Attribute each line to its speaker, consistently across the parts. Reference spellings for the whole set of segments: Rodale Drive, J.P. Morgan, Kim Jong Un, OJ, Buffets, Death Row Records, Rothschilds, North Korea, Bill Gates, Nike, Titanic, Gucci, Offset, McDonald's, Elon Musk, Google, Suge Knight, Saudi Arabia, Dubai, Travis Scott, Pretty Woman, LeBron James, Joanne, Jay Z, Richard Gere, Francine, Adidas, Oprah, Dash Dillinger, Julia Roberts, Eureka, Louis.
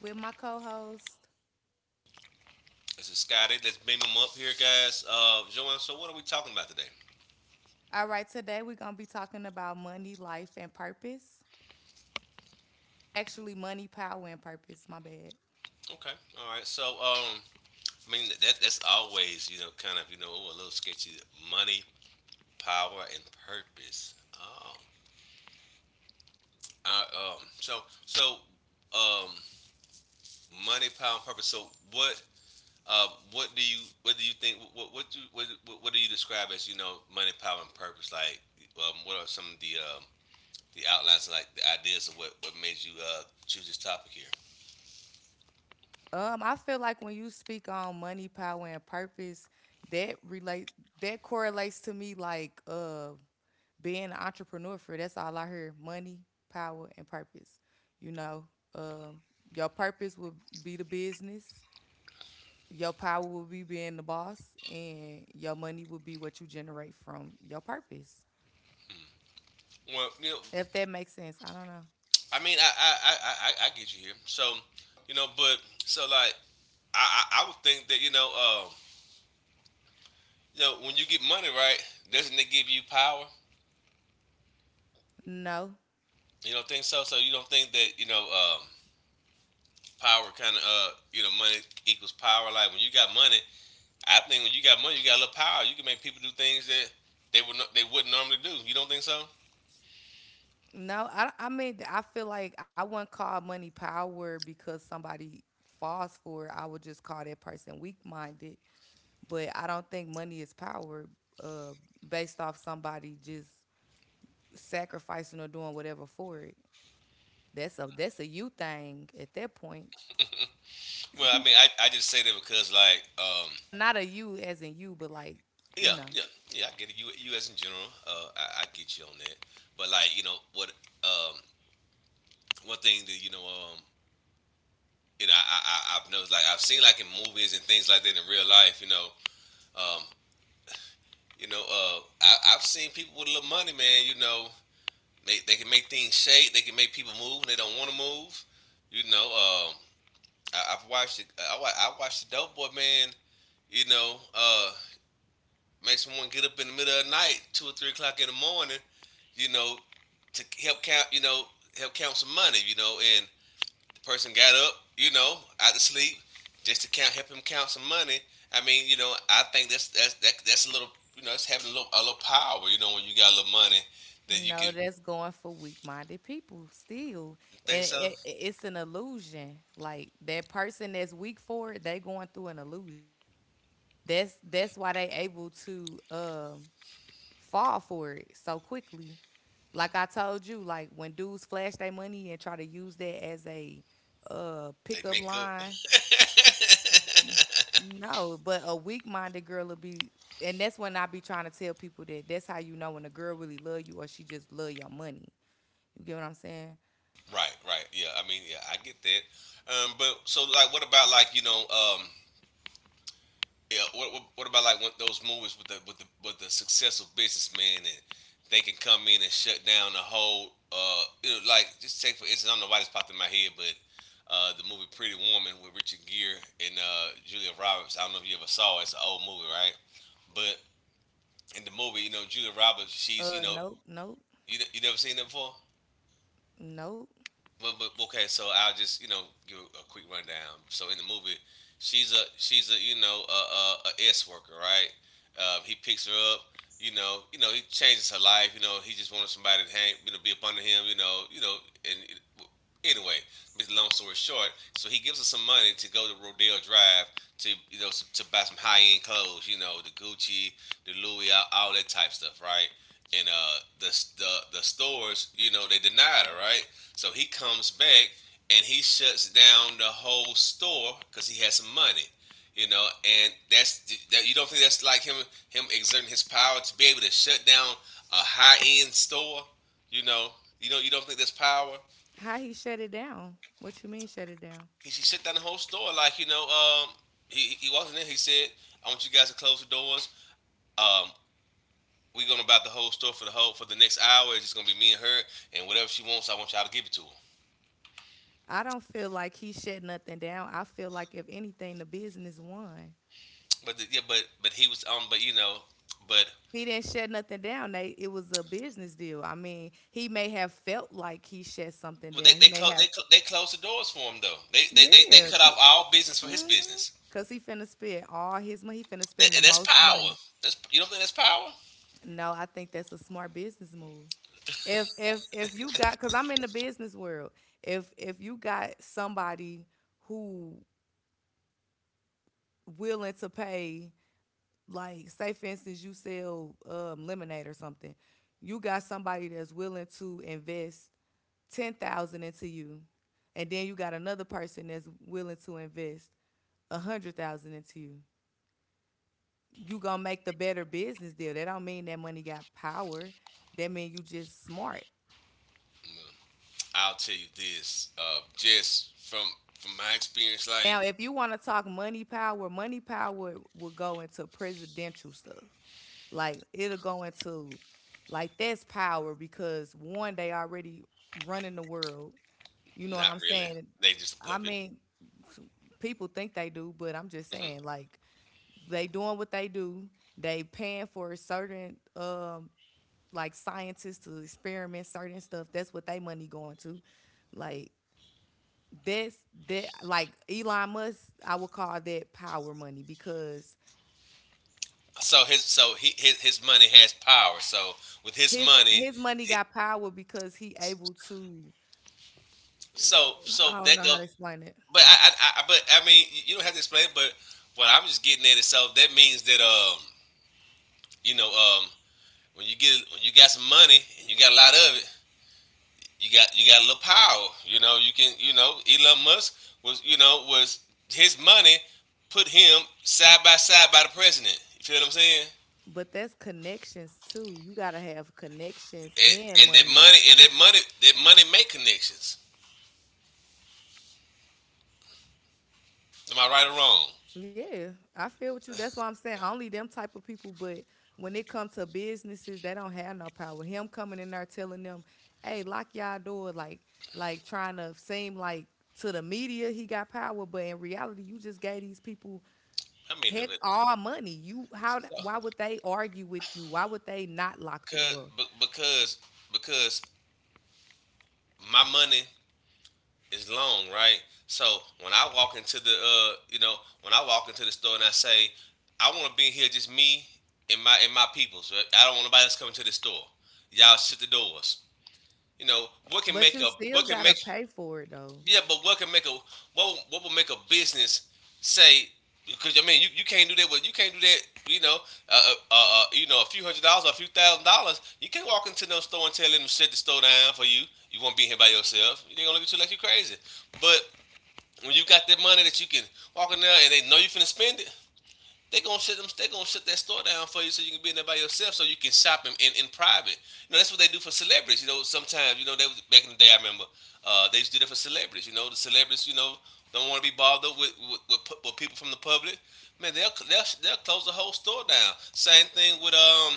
Speaker 1: with my co-host.
Speaker 2: This is Scotty. Let's beam him up here, guys. Joanne, so what are we talking about today?
Speaker 1: All right, today we're gonna be talking about money, life, and purpose. Actually, money, power, and purpose. My bad.
Speaker 2: Okay, all right. I mean, that's always, kind of, a little sketchy. Money, power, and purpose. Oh, I, um, so, so, um, money, power, and purpose. So, what, what do you think? What do you describe as, you know, money, power, and purpose? What are some of the the outlines, like the ideas of what made you choose this topic here?
Speaker 1: I feel like when you speak on money, power, and purpose, that relate that correlates to me like being an entrepreneur. For that's all I hear: money, power, and purpose. You know, um, uh, your purpose will be the business, your power will be being the boss, and your money will be what you generate from your purpose.
Speaker 2: Well,
Speaker 1: If that makes sense, I don't know.
Speaker 2: I mean, I get you here. So, you know, but so like, I would think that when you get money right, doesn't it give you power?
Speaker 1: No.
Speaker 2: You don't think so? So you don't think that power kind of you know, money equals power. Like when you got money, I think when you got money, you got a little power. You can make people do things that they wouldn't normally do. You don't think so?
Speaker 1: No, I mean, I feel like I wouldn't call money power because somebody falls for it. I would just call that person weak minded. But I don't think money is power, uh, based off somebody just sacrificing or doing whatever for it. That's a you thing at that point.
Speaker 2: Well, I mean, I just say that because
Speaker 1: Not a you as in you, but like you
Speaker 2: yeah,
Speaker 1: know.
Speaker 2: yeah, yeah. I get it. You as in general, I get you on that. But like, you know what? Um, one thing that you know, I've noticed, like, I've seen, like, in movies and things like that in real life. Um, I've seen people with a little money, man. You know, they can make things shake. They can make people move when they don't want to move. You know, um, I've watched, it, I, wa- I watched the Dope Boy man. You know, uh, Make someone get up in the middle of the night, 2 or 3 o'clock in the morning, you know, to help help count some money, you know, and the person got up, you know, out of sleep just to count, help him count some money. I mean, you know, I think that's a little, you know, it's having a little power, you know, when you got a little money that you can
Speaker 1: No, that's going for weak-minded people still,
Speaker 2: think
Speaker 1: and
Speaker 2: so
Speaker 1: it's an illusion. Like that person that's weak for it, they going through an illusion. That's why they able to fall for it so quickly. Like I told you, like when dudes flash their money and try to use that as a
Speaker 2: they
Speaker 1: pickup
Speaker 2: make up.
Speaker 1: line. No, but a weak-minded girl will be, and that's when I be trying to tell people that that's how you know when a girl really love you or she just love your money. You get what I'm saying?
Speaker 2: Right, right, yeah. I mean, yeah, I get that. But so like, what about like yeah. What about like when those movies with the successful businessman and they can come in and shut down the whole you know, like just take for instance I don't know why this popped in my head but the movie Pretty Woman with Richard Gere and Julia Roberts. I don't know if you ever saw it. It's an old movie, right? But in the movie, you know, Julia Roberts, she's you know,
Speaker 1: Nope, nope,
Speaker 2: you never seen that before.
Speaker 1: nope.
Speaker 2: But okay, so I'll just you know give a quick rundown. So in the movie, she's a you know a S worker, right? He picks her up. You know, he changes her life. You know, he just wanted somebody to hang, you know, be up under him. You know, and anyway, make the long story short, so he gives her some money to go to Rodale Drive to you know to buy some high end clothes, you know the Gucci, the Louis, all that type stuff, right? And the the stores, you know, they denied her, right? So he comes back and he shuts down the whole store because he has some money, you know. And that's that. You don't think that's like him exerting his power to be able to shut down a high end store, you know? You know you don't think that's power?
Speaker 1: How he shut it down? What you mean shut it down?
Speaker 2: He shut down the whole store like you know. He wasn't there. He said, "I want you guys to close the doors. Um, we're gonna buy the whole store for the next hour. It's just gonna be me and her, and whatever she wants, I want y'all to give it to her."
Speaker 1: I don't feel like he shut nothing down. I feel like if anything, the business won.
Speaker 2: But the, yeah, but he was but you know, but
Speaker 1: He didn't shut nothing down. They, it was a business deal. I mean, he may have felt like he shut something
Speaker 2: well, they
Speaker 1: down. He may have,
Speaker 2: they closed the doors for him though. They they
Speaker 1: yeah,
Speaker 2: cut off all business for his business.
Speaker 1: because he finna spend all his money. He finna
Speaker 2: That,
Speaker 1: spend the
Speaker 2: that's
Speaker 1: most
Speaker 2: power.
Speaker 1: money.
Speaker 2: That's you don't think that's power?
Speaker 1: No, I think that's a smart business move. If you got cuz I'm in the business world. If you got somebody who willing to pay, like say for instance you sell lemonade or something. You got somebody that's willing to invest 10,000 into you. And then you got another person that's willing to invest a 100,000 into you. You going to make the better business deal. That don't mean that money got power. That mean you just smart.
Speaker 2: Mm, I'll tell you this, just from my experience, like
Speaker 1: Now, if you want to talk money power will go into presidential stuff. Like it'll go into, like, that's power because one, they already running the world. You know what
Speaker 2: not
Speaker 1: I'm
Speaker 2: really.
Speaker 1: saying?
Speaker 2: They just a
Speaker 1: I
Speaker 2: puppet.
Speaker 1: mean, people think they do, but I'm just saying like they doing what they do. They paying for certain, like, scientists to experiment certain stuff. That's what they money going to. Like that's that like Elon Musk, I would call that power money because
Speaker 2: So his so he his money has power. So with his
Speaker 1: his
Speaker 2: money,
Speaker 1: his money
Speaker 2: he-
Speaker 1: got power because he able to
Speaker 2: so so
Speaker 1: I
Speaker 2: that
Speaker 1: don't know
Speaker 2: goes.
Speaker 1: how to explain it.
Speaker 2: But I but I mean you don't have to explain. But what I'm just getting at is so that means that you know when you get when you got some money and you got a lot of it, you got a little power. You know, you can you know Elon Musk was you know was his money put him side by side by the president. You feel what I'm saying?
Speaker 1: But that's connections too. You gotta have connections
Speaker 2: And,
Speaker 1: and money.
Speaker 2: and that money make connections. Am I right or wrong?
Speaker 1: Yeah, I feel with you. That's why I'm saying only them type of people. But when it comes to businesses, they don't have no power. Him coming in there telling them, "Hey, lock y'all door," like trying to seem like to the media he got power, but in reality, you just gave these people
Speaker 2: I mean, if
Speaker 1: Heck,
Speaker 2: it,
Speaker 1: all money. You how?
Speaker 2: so,
Speaker 1: Why would they argue with you? Why would they not lock the
Speaker 2: cause,
Speaker 1: door?
Speaker 2: because my money is long, right? So when I walk into the, you know, when I walk into the store and I say, I want to be here just me and my peoples. Right? I don't want nobody else coming to the store. Y'all shut the doors. You know what can
Speaker 1: But
Speaker 2: make
Speaker 1: you
Speaker 2: a
Speaker 1: still
Speaker 2: what can
Speaker 1: gotta
Speaker 2: make
Speaker 1: pay for it though.
Speaker 2: yeah, but what can make a what will make a business say because I mean you, you can't do that with you can't do that you know you know a few hundred dollars or a few thousand dollars. You can't walk into no store and tell them to shut the store down for you. You won't be here by yourself. They're gonna look at you like you are crazy. But when you got that money that you can walk in there and they know you finna spend it, they gonna shut them. They gonna shut that store down for you so you can be in there by yourself so you can shop in private. You know that's what they do for celebrities. You know sometimes you know they was, back in the day I remember they used to do that for celebrities. You know the celebrities you know don't want to be bothered with with people from the public. Man, they'll close the whole store down. Same thing with um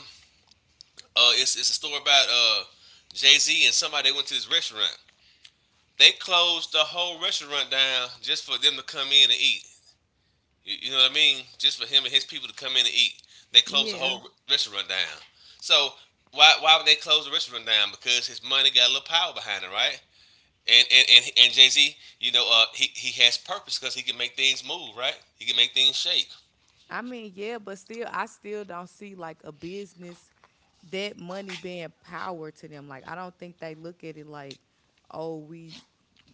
Speaker 2: uh it's a story about Jay Z and somebody. They went to this restaurant. They closed the whole restaurant down just for them to come in and eat. You know what I mean? Just for him and his people to come in and eat. They closed the
Speaker 1: Yeah.
Speaker 2: whole restaurant down. So why would they close the restaurant down? Because his money got a little power behind it, right? And Jay Z, you know, he has purpose because he can make things move, right? He can make things shake.
Speaker 1: I mean, yeah, but still, I still don't see like a business that money being power to them. Like, I don't think they look at it like, oh, we,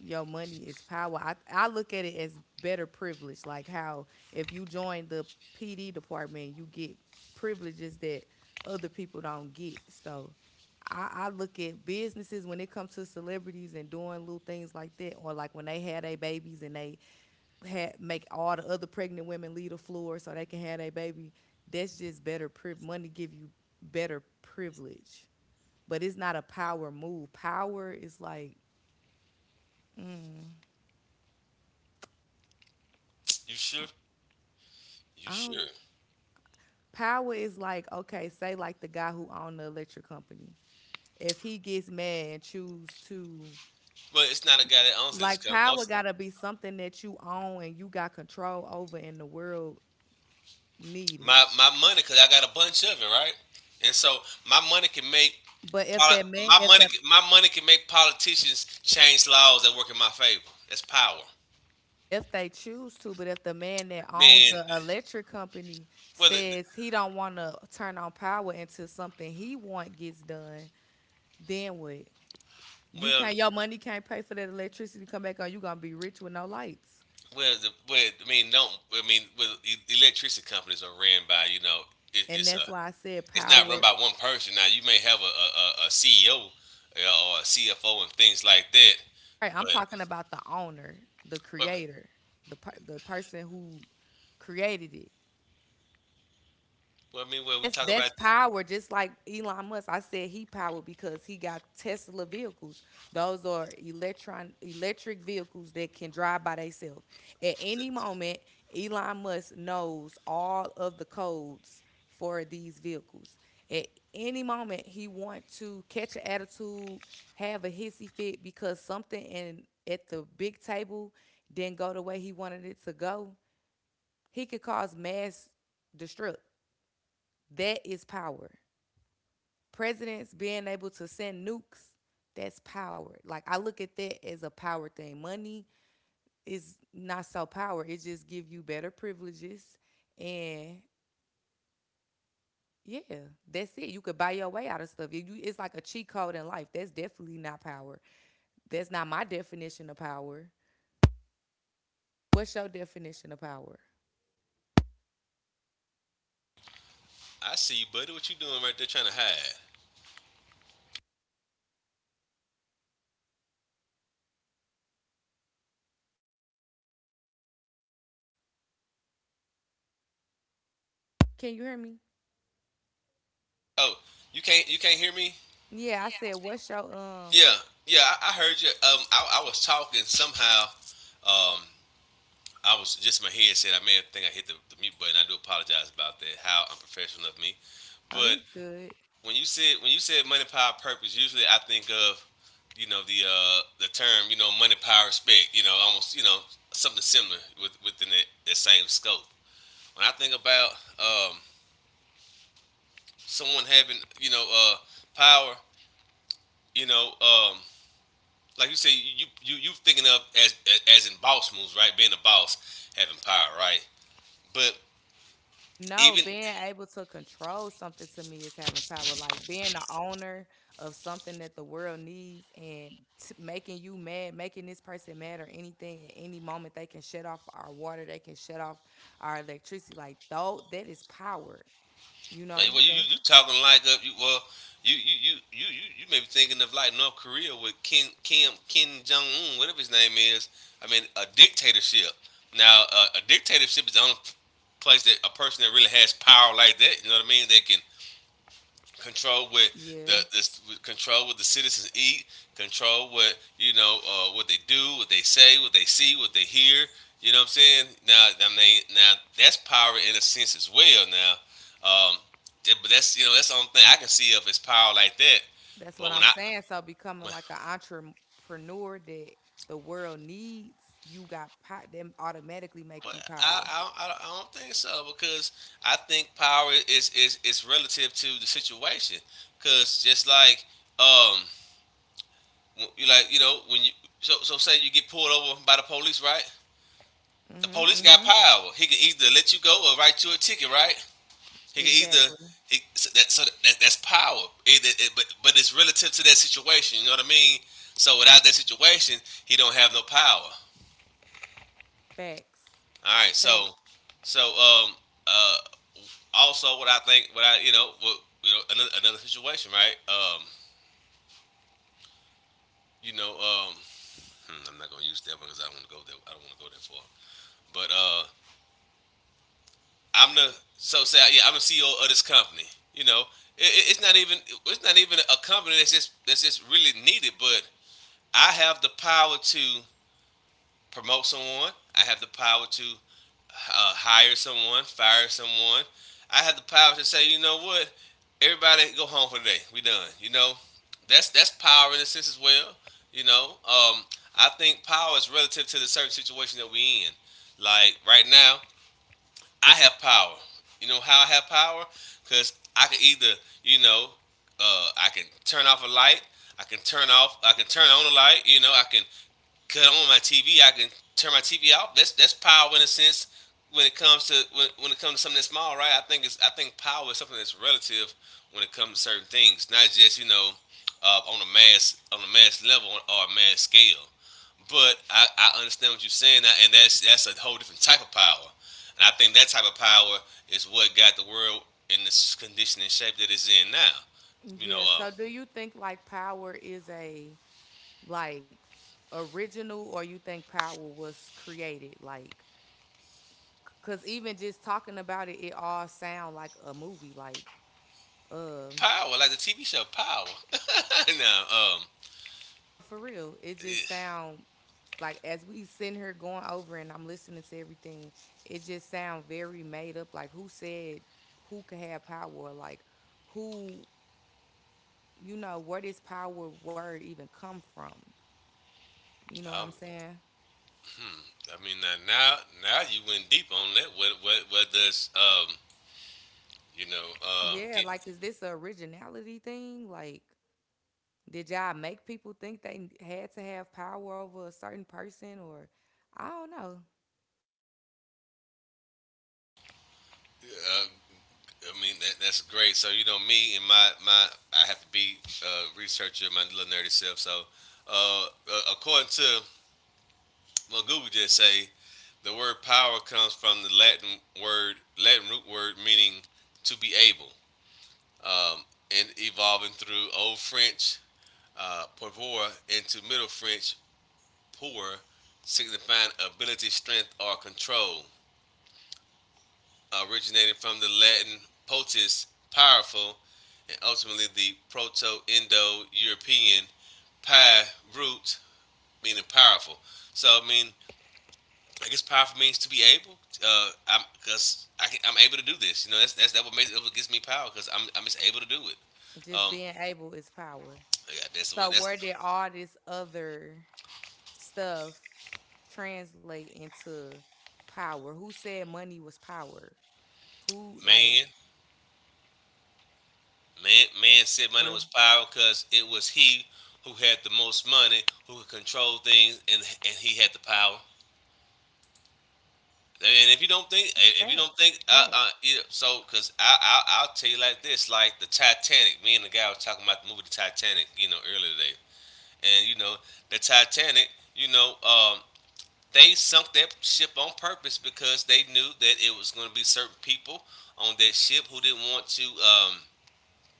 Speaker 1: your money is power. I look at it as better privilege. Like, how if you join the PD department, you get privileges that other people don't get. So, I look at businesses when it comes to celebrities and doing little things like that, or like when they had their babies and they ha make all the other pregnant women leave the floor so they can have a baby. That's just better priv- money give you better privilege, but it's not a power move. Power is like mm,
Speaker 2: You sure? You
Speaker 1: I don't.
Speaker 2: sure?
Speaker 1: Power is like okay, say like the guy who owned the electric company. If he gets mad and choose to
Speaker 2: But it's not a guy that owns it. It's
Speaker 1: like
Speaker 2: got
Speaker 1: power
Speaker 2: most
Speaker 1: gotta be something that you own and you got control over and the world need it.
Speaker 2: my my money because I got a bunch of it, right? And so my money can make
Speaker 1: But if
Speaker 2: poli-
Speaker 1: that man if the
Speaker 2: my money can make politicians change laws that work in my favor. That's power.
Speaker 1: If they choose to, but if the man that owns
Speaker 2: Man,
Speaker 1: the electric company
Speaker 2: whether
Speaker 1: says he don't want to turn on power until something he want gets done, then what? You
Speaker 2: well,
Speaker 1: can't. Your money can't pay for that electricity to come back on. You gonna be rich with no lights,
Speaker 2: well, the, well, I mean, don't I mean, well, electricity companies are ran by you know, it,
Speaker 1: and
Speaker 2: it's a
Speaker 1: that's why I said
Speaker 2: it's not run
Speaker 1: power.
Speaker 2: by one person. Now you may have a CEO or a CFO and things like that,
Speaker 1: Right, I'm
Speaker 2: but
Speaker 1: talking about the owner, the
Speaker 2: well,
Speaker 1: creator, the person who created it.
Speaker 2: I mean, well, we
Speaker 1: That's
Speaker 2: talk about
Speaker 1: that's
Speaker 2: that.
Speaker 1: power, just like Elon Musk. I said he power because he got Tesla vehicles. Those are electron electric vehicles that can drive by themselves. At any moment, Elon Musk knows all of the codes for these vehicles. At any moment, he want to catch an attitude, have a hissy fit because something in at the big table didn't go the way he wanted it to go. He could cause mass destruct. That is power, presidents being able to send nukes, that's power. Like I look at that as a power thing. Money is not so power. It just give you better privileges and yeah, that's it. You could buy your way out of stuff. It's like a cheat code in life. That's definitely not power. That's not my definition of power. What's your definition of power?
Speaker 2: I see you, buddy. What you doing right there, trying to hide?
Speaker 1: Can you hear me?
Speaker 2: Oh, you can't hear me?
Speaker 1: Yeah, I said what's your.
Speaker 2: Yeah, I heard you. I was talking somehow. Um, I was just my head said I may have think I hit the mute button. I do apologize about that. How unprofessional of me.
Speaker 1: Oh, you
Speaker 2: But
Speaker 1: good?
Speaker 2: when you said money, power, purpose, usually I think of you know the term you know money, power, respect. You know almost you know something similar within that same scope. When I think about um, someone having you know power, you know um, like you say you thinking of as in boss moves, right? Being a boss, having power, right? But
Speaker 1: No,
Speaker 2: even
Speaker 1: being able to control something to me is having power. Like being the owner of something that the world needs and t- making you mad, making this person mad or anything at any moment, they can shut off our water, they can shut off our electricity. Like, though, that is power, you
Speaker 2: Like,
Speaker 1: know?
Speaker 2: well, you, you
Speaker 1: And
Speaker 2: you talking like you, well, you may be thinking of like North Korea with Kim Jong Un, whatever his name is. I mean, a dictatorship. Now, a dictatorship is the only place that a person that really has power like that. You know what I mean? They can control what the
Speaker 1: yeah,
Speaker 2: this control what the citizens eat, control what what they do, what they say, what they see, what they hear. You know what I'm saying? Now, I mean, now that's power in a sense as well. Now, um, yeah, but that's that's the only thing I can see of is power like that.
Speaker 1: that's
Speaker 2: But
Speaker 1: what
Speaker 2: when I
Speaker 1: I'm saying. So
Speaker 2: when,
Speaker 1: becoming like an entrepreneur that the world needs, you got power, that automatically make
Speaker 2: but
Speaker 1: you power.
Speaker 2: I, don't- I don't I don't think so because I think power is relative to the situation. Because just like um You like you know when you so say you get pulled over by the police, right? The
Speaker 1: Mm-hmm,
Speaker 2: police got
Speaker 1: mm-hmm.
Speaker 2: power. He can either let you go or write you a ticket, right? He can either
Speaker 1: Exactly.
Speaker 2: he so that so that, that's power. But it's relative to that situation. You know what I mean? So without that situation, he don't have no power.
Speaker 1: Facts.
Speaker 2: All right.
Speaker 1: Facts.
Speaker 2: So so um uh also what I you know what you know another, another situation, right? You know um I'm not gonna use that one because I don't want to go there. I don't want to go there far. But uh I'm the so say, yeah, I'm the CEO of this company. You know, it's not even a company that's just really needed. But I have the power to promote someone. I have the power to hire someone, fire someone. I have the power to say, you know what, everybody go home for today. We done. You know, that's power in a sense as well. You know, I think power is relative to the certain situation that we in. Like right now, I have power. You know how I have power? Because I can either, you know, I can turn off a light. I can turn off. I can turn on a light. You know, I can cut on my TV. I can turn my TV off. That's power in a sense. When it comes to when it comes to something that's small, right? I think power is something that's relative when it comes to certain things, not just on a mass level or a mass scale. But I understand what you're saying, and that's a whole different type of power. And I think that type of power is what got the world in this condition and shape that it's in now. You know,
Speaker 1: Yeah. So do you think like power is a like original or you think power was created like cuz even just talking about it it all sound like a movie like um
Speaker 2: power like the TV show Power. now, um,
Speaker 1: for real it just
Speaker 2: yeah,
Speaker 1: sound like as we sitting here going over and I'm listening to everything it just sound very made up like who said who could have power like who you know where does power word even come from you know what
Speaker 2: um,
Speaker 1: I'm saying?
Speaker 2: hmm, I mean, now now you went deep on that. What does you know
Speaker 1: Yeah,
Speaker 2: get
Speaker 1: like is this a originality thing? Like, did y'all make people think they had to have power over a certain person, or I don't know.
Speaker 2: uh, I mean, that that's great. So you know, me and my I have to be a researcher, my little nerdy self. So uh, according to, well, Google just say the word power comes from the Latin word, Latin root word meaning to be able, um, and evolving through Old French, pouvoir, into Middle French pour, signifying ability, strength, or control. Originating from the Latin potus, powerful, and ultimately the Proto-Indo-European pi root meaning powerful. So I mean, I guess powerful means to be able. I'm Because I can, I'm able to do this. You know, that's that what makes it, what gives me power, because I'm just able to do it.
Speaker 1: Just
Speaker 2: Um,
Speaker 1: being able is power.
Speaker 2: yeah, that's
Speaker 1: So
Speaker 2: what that's
Speaker 1: where did all this other stuff translate into power? Who said money was power? Who like
Speaker 2: man man, man said money
Speaker 1: true
Speaker 2: was power because it was he who had the most money, who could control things, and he had the power. And if you don't think, if you don't
Speaker 1: facts?
Speaker 2: think
Speaker 1: Facts,
Speaker 2: you so because I I'll tell you like this, like the Titanic. Me and the guy was talking about the movie, the Titanic. You know, earlier today, and you know, the Titanic. You know, they sunk that ship on purpose because they knew that it was going to be certain people on that ship who didn't want to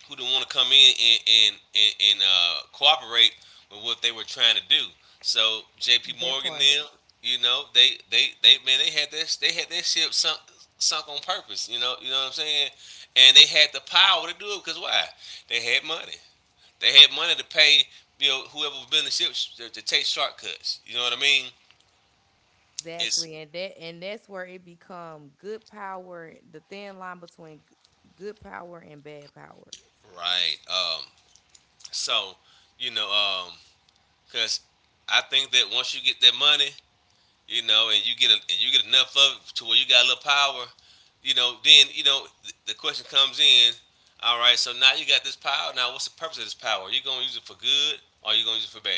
Speaker 2: who didn't want to come in and cooperate with what they were trying to do. So J.P.
Speaker 1: that
Speaker 2: Morgan,
Speaker 1: part.
Speaker 2: them, you know, they man, they had their ship sunk on purpose. You know what I'm saying? And they had the power to do it because why? They had money. They had money to pay whoever was building the ship to take shortcuts. You know what I mean? It's
Speaker 1: Exactly, and that and that's where it become good power, the thin line between g- good power and bad power.
Speaker 2: Right. So you know, um, because I think that once you get that money, you know, and you get a, and you get enough of it to where you got a little power, you know, then the question comes in. All right. So now you got this power. Now what's the purpose of this power? Are you gonna use it for good, or are you gonna use it for bad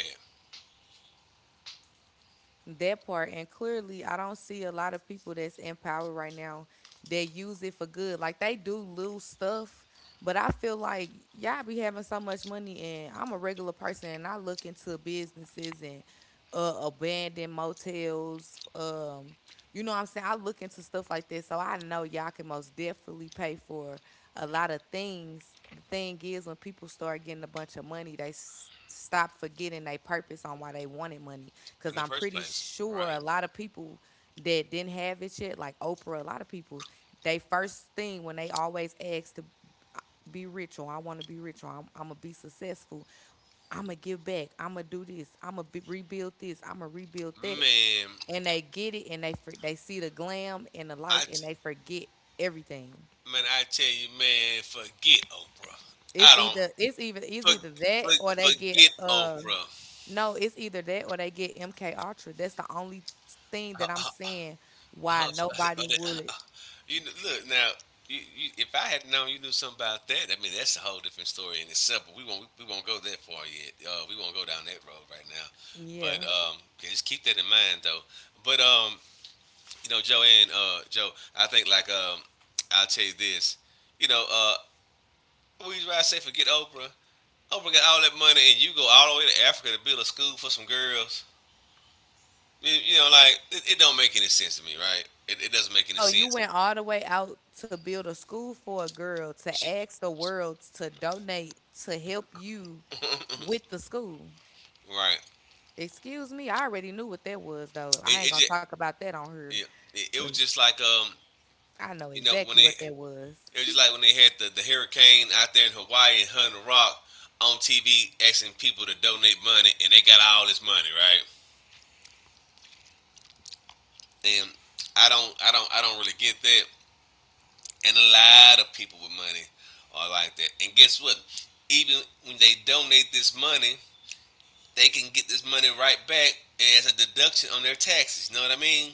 Speaker 1: That part, and clearly, I don't see a lot of people that's in power right now that use it for good. Like they do lose stuff, but I feel like y'all be having so much money, and I'm a regular person, and I look into businesses and abandoned motels. You know what I'm saying? I look into stuff like this, so I know y'all can most definitely pay for a lot of things. The thing is, when people start getting a bunch of money, they s- stop forgetting their purpose on why they wanted money.
Speaker 2: in the
Speaker 1: Because I'm
Speaker 2: first
Speaker 1: pretty
Speaker 2: place? Right.
Speaker 1: sure a lot of people that didn't have it yet, like Oprah, a lot of people, they first thing when they always ask to uh, be rich or I want to be rich or I'm gonna be successful. I'm gonna give back. I'm gonna do this. I'm gonna rebuild this. I'm gonna rebuild that.
Speaker 2: Man,
Speaker 1: And they get it, and they they see the glam and the
Speaker 2: I
Speaker 1: life,
Speaker 2: t-
Speaker 1: and they forget everything.
Speaker 2: Man, I tell you, man, forget Oprah. I
Speaker 1: It's
Speaker 2: don't
Speaker 1: either it's even it's
Speaker 2: for,
Speaker 1: either
Speaker 2: for,
Speaker 1: that or they get
Speaker 2: Forget Oprah.
Speaker 1: no, it's either that or they get MK Ultra. That's the only thing that I'm seeing why nobody would.
Speaker 2: You look, now. You, if I had known you knew something about that, I mean, that's a whole different story in itself. But we won't go that far yet. We won't go down that road right now. But
Speaker 1: Yeah.
Speaker 2: yeah, just keep that in mind though. But you know, Joe, and Joe, I think like I'll tell you this. You know, we, I say forget Oprah. Oprah got all that money, and you go all the way to Africa to build a school for some girls. You know, like it don't make any sense to me, right? It doesn't make any
Speaker 1: Oh, you
Speaker 2: sense.
Speaker 1: went all the way out to build a school for a girl to
Speaker 2: She,
Speaker 1: ask the world to donate to help you with the school.
Speaker 2: right.
Speaker 1: Excuse me, I already knew what that was though.
Speaker 2: It,
Speaker 1: I ain't
Speaker 2: it
Speaker 1: gonna
Speaker 2: just
Speaker 1: talk about that on her
Speaker 2: it, it was
Speaker 1: because
Speaker 2: just like
Speaker 1: I know
Speaker 2: you know when
Speaker 1: exactly
Speaker 2: they,
Speaker 1: what that was.
Speaker 2: it was just like when they had the hurricane out there in Hawaii, and Hunter Rock on TV asking people to donate money, and they got all this money, right? And I don't really get that. And a lot of people with money are like that, and guess what, even when they donate this money, they can get this money right back as a deduction on their taxes, you know what I mean.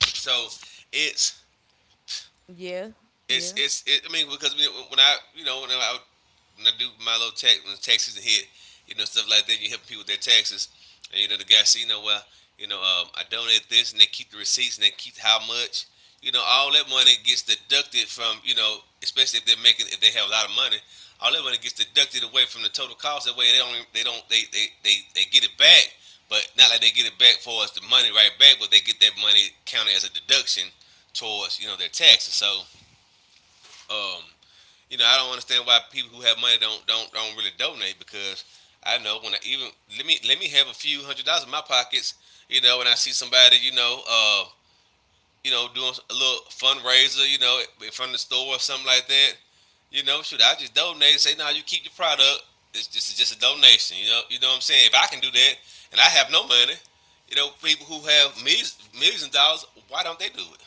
Speaker 2: So it's
Speaker 1: Yeah, yeah.
Speaker 2: it's it, I mean, because when I when I do my little tax, when taxes hit, you know, stuff like that, you helping people with their taxes, and you know, the guy said, you know, well, you know, I donate this, and they keep the receipts, and they keep how much, you know, all that money gets deducted from, you know, especially if they're making, if they have a lot of money, all that money gets deducted away from the total cost. That way they don't they don't they get it back, but not like they get it back for us, the money right back, but they get that money counted as a deduction towards, you know, their taxes. So, um, you know, I don't understand why people who have money don't really donate, because I know when I, even, let me have a few a few hundred dollars in my pockets, you know, and I see somebody, you know, doing a little fundraiser, you know, in front of the store or something like that. You know, shoot, I just donate and say, no, you keep your product. It's just a donation. You know what I'm saying. If I can do that, and I have no money, you know, people who have millions, millions of dollars, why don't they do it?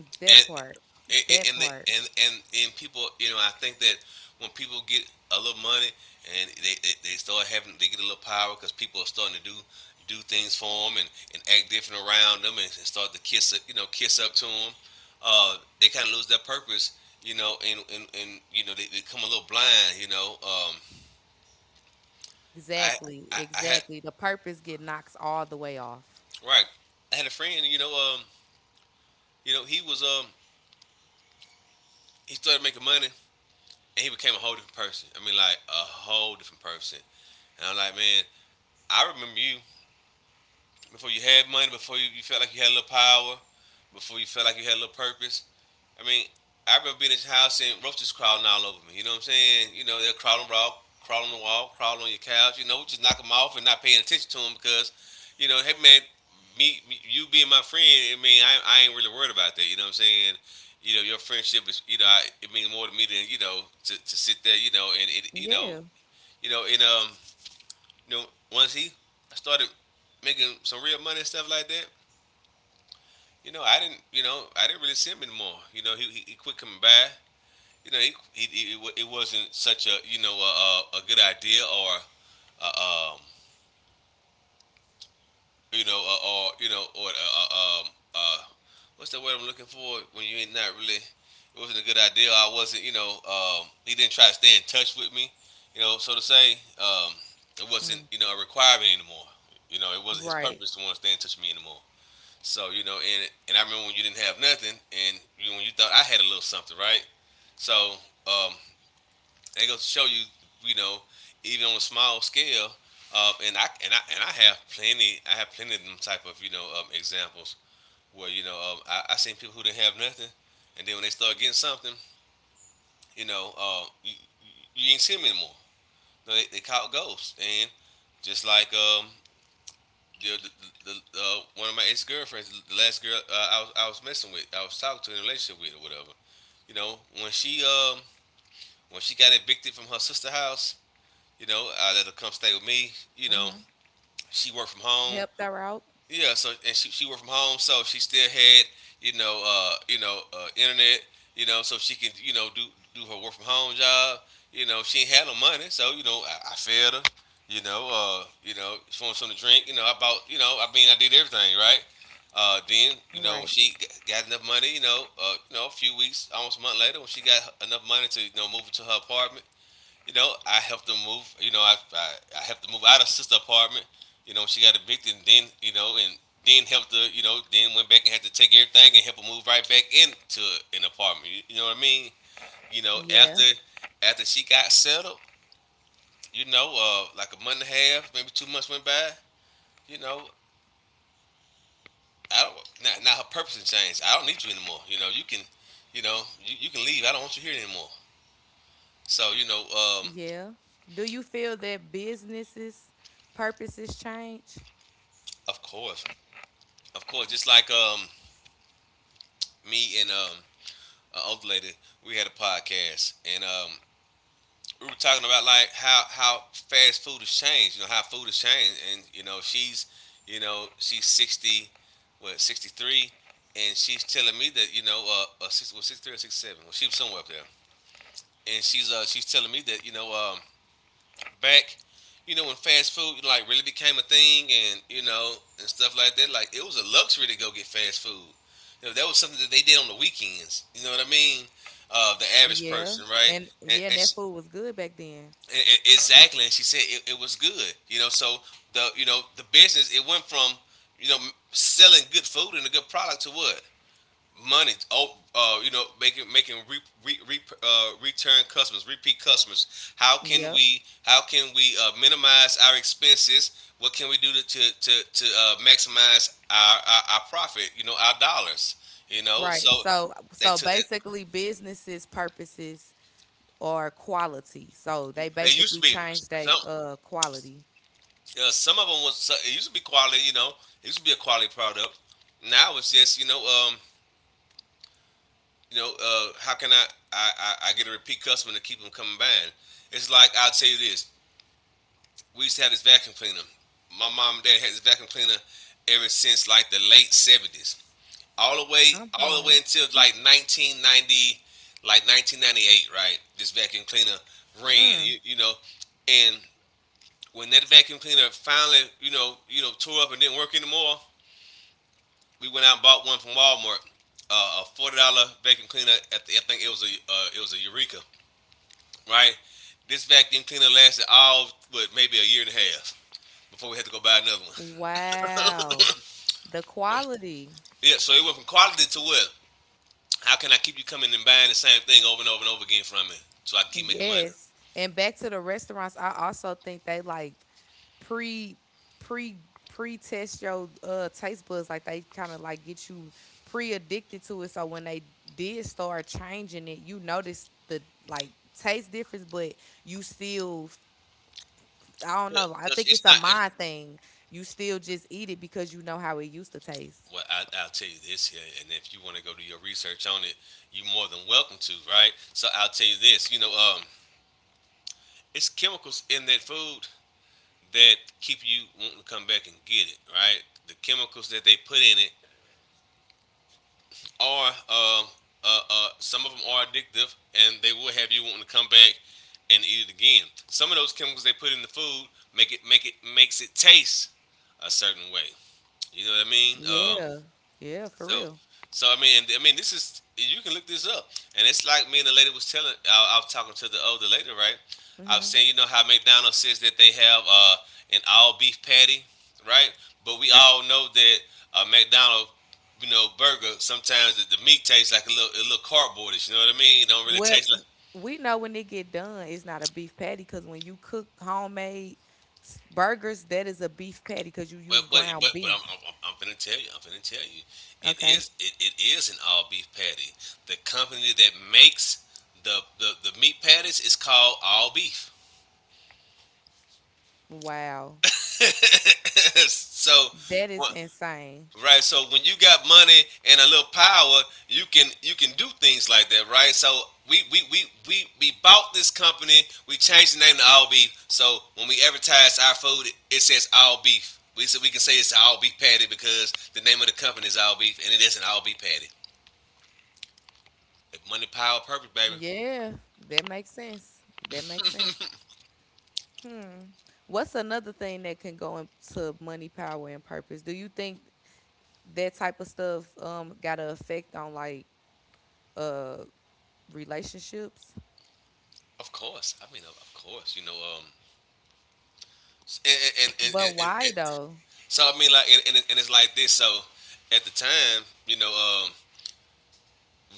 Speaker 1: That
Speaker 2: And
Speaker 1: part.
Speaker 2: and
Speaker 1: That
Speaker 2: and they,
Speaker 1: part.
Speaker 2: and, and and people, you know, I think that when people get a little money and they start having, they get a little power because people are starting to do things for them, and act different around them, and start to kiss, you know, kiss up to them, they kind of lose their purpose, you know, and you know they become a little blind, you know. I,
Speaker 1: Exactly,
Speaker 2: I had,
Speaker 1: exactly. The purpose get knocks all the way off.
Speaker 2: right, I had a friend, you know he was he started making money, and he became a whole different person. I mean, like a whole different person. And I'm like, man, I remember you before you had money, before you, you felt like you had a little power, before you felt like you had a little purpose. I mean, I remember being at your house and roaches crawling all over me. You know what I'm saying? They'll crawl on the wall, crawl on the wall, crawl on your couch. Just knock them off and not paying attention to them because, hey man, me you being my friend, I mean, I ain't really worried about that. You know what I'm saying? Your friendship is, I, it means more to me than you know to sit there, and it,
Speaker 1: Yeah.
Speaker 2: and you know, once he started making some real money and stuff like that, I didn't, I didn't really see him anymore. He quit coming by. He it wasn't such a a good idea or a, a, or or a, uh what's the word I'm looking for when you ain't not really it wasn't a good idea. I wasn't he didn't try to stay in touch with me. So to say, um, it wasn't
Speaker 1: Mm,
Speaker 2: a requirement anymore. It wasn't his
Speaker 1: right.
Speaker 2: purpose to want to stay in touch with me anymore. So and I remember when you didn't have nothing, and when you thought I had a little something, right? So um, they go to show you, you know, even on a small scale, and I have plenty, I have plenty of them type of examples where I seen people who didn't have nothing, and then when they start getting something, you know, uh, you, you ain't see them anymore. They caught ghosts, and just like the, the, the, one of my ex girlfriends, the last girl I was messing with, I was talking to in a relationship with or whatever. When she when she got evicted from her sister house, I let her come stay with me. You know,
Speaker 1: Mm-hmm.
Speaker 2: she worked from home.
Speaker 1: Helped her out.
Speaker 2: Yeah, so and she worked from home, so she still had internet, so she can do her work from home job. She ain't had no money, so I fed her. You know, she wanted something to drink. I bought. You know, I mean, I did everything right. Then you know when
Speaker 1: Right.
Speaker 2: she got enough money, you know, a few weeks, almost a month later, when she got enough money to you know move into her apartment, I helped them move. I helped them move out of sister apartment. She got evicted, and then and then helped her. Then went back and had to take everything and help her move right back into an apartment. You know what I mean? You know, after
Speaker 1: Yeah.
Speaker 2: After she got settled, like a month and a half, maybe 2 months went by. You know, I don't. Now her purpose has changed. I don't need you anymore. You can, you can leave. I don't want you here anymore. So
Speaker 1: Yeah. Do you feel that businesses purposes change?
Speaker 2: of course, of course, just like me and older lady, we had a podcast, and we were talking about like how fast food has changed. You know how food has changed, and you know you know she's 60, what 63, and she's telling me that well, 63 or 67, well she was somewhere up there, and she's telling me that back, when fast food like really became a thing and you know and stuff like that, like it was a luxury to go get fast food. That was something that they did on the weekends. You know what I mean? The average
Speaker 1: Yeah.
Speaker 2: person, right?
Speaker 1: And yeah, and
Speaker 2: And, she,
Speaker 1: that food was good back then.
Speaker 2: and exactly, and she said it was good. So the the business it went from you know selling good food and a good product to what money. Oh, you know, making return customers, repeat customers. How can
Speaker 1: Yep.
Speaker 2: we how can we minimize our expenses? What can we do to maximize our profit? You know, our dollars. So
Speaker 1: Right. So
Speaker 2: they
Speaker 1: so
Speaker 2: took it.
Speaker 1: basically businesses purposes or quality. So they
Speaker 2: It used to
Speaker 1: basically
Speaker 2: be
Speaker 1: change their
Speaker 2: some
Speaker 1: quality.
Speaker 2: some of them it used to be quality. It used to be a quality product. Now it's just how can I I get a repeat customer to keep them coming back? It's like I'll tell you this. We used to have this vacuum cleaner. My mom and dad had this vacuum cleaner ever since like the late 70s, all the way
Speaker 1: I'm
Speaker 2: all the
Speaker 1: hollering.
Speaker 2: way until like 1990, like 1998, right? This vacuum cleaner ran,
Speaker 1: Mm.
Speaker 2: you know, and when that vacuum cleaner finally, tore up and didn't work anymore, we went out and bought one from Walmart, a $40 vacuum cleaner. At the, I think it was a Eureka, right? This vacuum cleaner lasted all but maybe a year and a half before we had to go buy another one.
Speaker 1: Wow. The quality.
Speaker 2: Yeah, so it went from quality to what? How can I keep you coming and buying the same thing over and over and over again from me so I can keep making money?
Speaker 1: Yes. And back to the restaurants, I also think they like pre pre pre test your taste buds. Like they kind of like get you pre addicted to it. So when they did start changing it, you notice the like taste difference, but you still I don't know. Like, I
Speaker 2: Because
Speaker 1: think
Speaker 2: it's
Speaker 1: it's a
Speaker 2: not. It's,
Speaker 1: mind thing. You still just eat it because you know how it used to taste.
Speaker 2: well, I'll tell you this here, and if you want to go do your research on it, you're more than welcome to, right? So I'll tell you this, it's chemicals in that food that keep you wanting to come back and get it, right? The chemicals that they put in it are some of them are addictive, and they will have you wanting to come back and eat it again. Some of those chemicals they put in the food makes it taste a certain way. You know what I mean?
Speaker 1: Yeah. Yeah, for
Speaker 2: So,
Speaker 1: real.
Speaker 2: so I mean, this is you can look this up, and it's like me and the lady was telling. I was talking to the older lady, right? I was
Speaker 1: hmm
Speaker 2: saying, you know how McDonald's says that they have an all beef patty, right? But we all know that McDonald's, burger sometimes the meat tastes like a little cardboardish. You know what I mean? It don't really
Speaker 1: Well,
Speaker 2: taste like
Speaker 1: we know when it get done, it's not a beef patty because when you cook homemade burgers, that is a beef patty because you use
Speaker 2: But but but
Speaker 1: ground
Speaker 2: but I'm I'm,
Speaker 1: beef.
Speaker 2: I'm I'm finna tell you. I'm finna tell you. It
Speaker 1: Okay.
Speaker 2: is it is an all beef patty. The company that makes the meat patties is called All Beef.
Speaker 1: Wow.
Speaker 2: so
Speaker 1: That is
Speaker 2: what?
Speaker 1: insane.
Speaker 2: Right. So when you got money and a little power, you can do things like that, right? So we we we we bought this company, we changed the name to All Beef. So when we advertise our food, it says All Beef. We so we can say it's an All Beef Patty because the name of the company is All Beef and it is an All Beef Patty. Money, power, purpose, baby.
Speaker 1: Yeah, that makes sense. That makes sense. Hmm. What's another thing that can go into money, power, and purpose? Do you think that type of stuff got an effect on like uh relationships?
Speaker 2: Of course. I mean, of course. And and, and,
Speaker 1: But
Speaker 2: and, and,
Speaker 1: why
Speaker 2: and-
Speaker 1: though?
Speaker 2: so I mean, like, and it's like this. So at the time,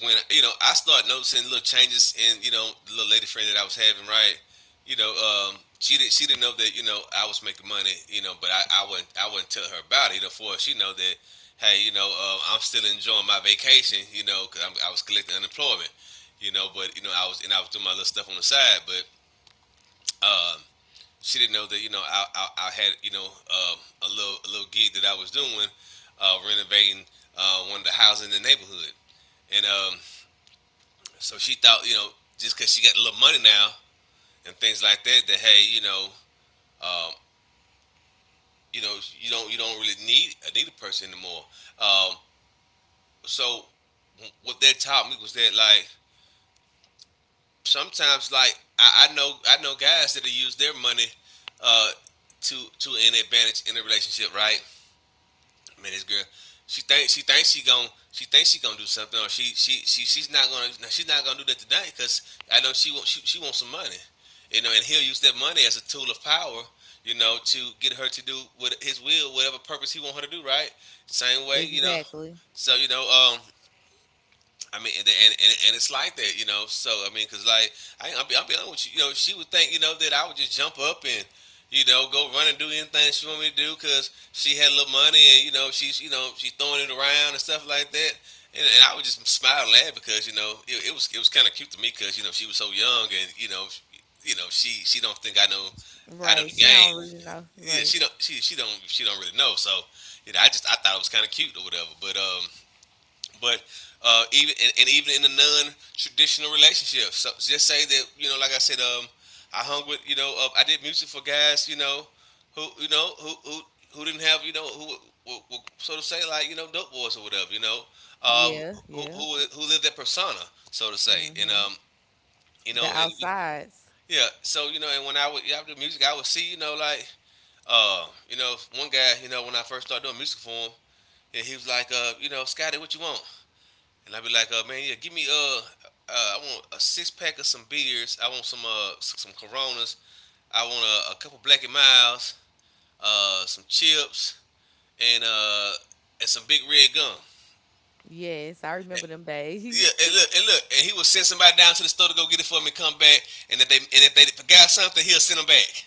Speaker 2: when you know I start noticing little changes in you know the little lady friend that I was having, right? She didn't know that you know I was making money, but I wouldn't tell her about it. For she know that hey, I'm still enjoying my vacation, because I was collecting unemployment, but you know I was and I was doing my little stuff on the side, but um, she didn't know that you know I had you know a little gig that I was doing, renovating one of the houses in the neighborhood, and so she thought, just because she got a little money now and things like that, that hey, um, you know, you don't really need a needed person anymore. Um, so what that taught me was that like sometimes like I know guys that use their money uh, to an advantage in a relationship, right? Man, this girl, she thinks she gonna do something, or she's not gonna do that today because I know she wants some money, you know, and he'll use that money as a tool of power, you know, to get her to do what his will, whatever purpose he want her to do, right? Same way, you know.
Speaker 1: Exactly.
Speaker 2: So you know, I mean, and it's like that, you know. So I mean, cause like I'll be honest with you, you know, she would think, you know, that I would just jump up and, you know, go run and do anything she want me to do, cause she had a little money and you know she's throwing it around and stuff like that. And I would just smile and laugh because it was kind of cute to me because you know she was so young and you know she don't think I know. I know
Speaker 1: Right.
Speaker 2: the
Speaker 1: She don't
Speaker 2: game.
Speaker 1: really know.
Speaker 2: Yeah,
Speaker 1: Right.
Speaker 2: she don't really know. So you know I just I thought it was kind of cute or whatever. But even and even in a non-traditional relationship, so just say that you know, like I said, I hung with you know, I did music for guys, you know, who you know who who who didn't have you know who so to say like you know dope boys or whatever, you know, uh,
Speaker 1: Yeah,
Speaker 2: who
Speaker 1: yeah.
Speaker 2: who lived that persona, so to say, and
Speaker 1: Mhm.
Speaker 2: you
Speaker 1: The
Speaker 2: know, and
Speaker 1: outsides.
Speaker 2: yeah, so you know, and when I would yeah, I would do music, I would see you know like you know, one guy, you know, when I first started doing music for him, and he was like, you know, Scotty, what you want? And I'd be like, man, yeah, give me I want a six pack of some beers. I want some Coronas. I want a couple Black and Miles, some chips, and uh, and some big red gum.
Speaker 1: Yes, I
Speaker 2: And,
Speaker 1: remember them
Speaker 2: yeah,
Speaker 1: days.
Speaker 2: and look, and he would send somebody down to the store to go get it for me, come back, and if they forgot something, he'll send them back,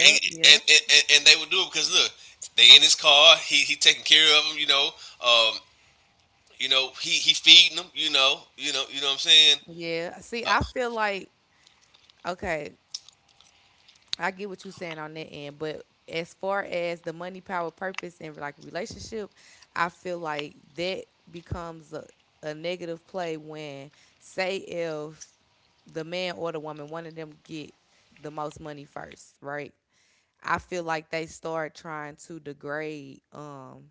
Speaker 2: and and,
Speaker 1: yep.
Speaker 2: and, and, they would do it because look, they in his car, he taking care of them, um, you know, he feeding them, you know, you know, you know what I'm saying.
Speaker 1: Yeah. See, I feel like okay, I get what you're saying on that end, but as far as the money, power, purpose, and like relationship, I feel like that becomes a negative play when, say, if the man or the woman, one of them get the most money first, right? I feel like they start trying to degrade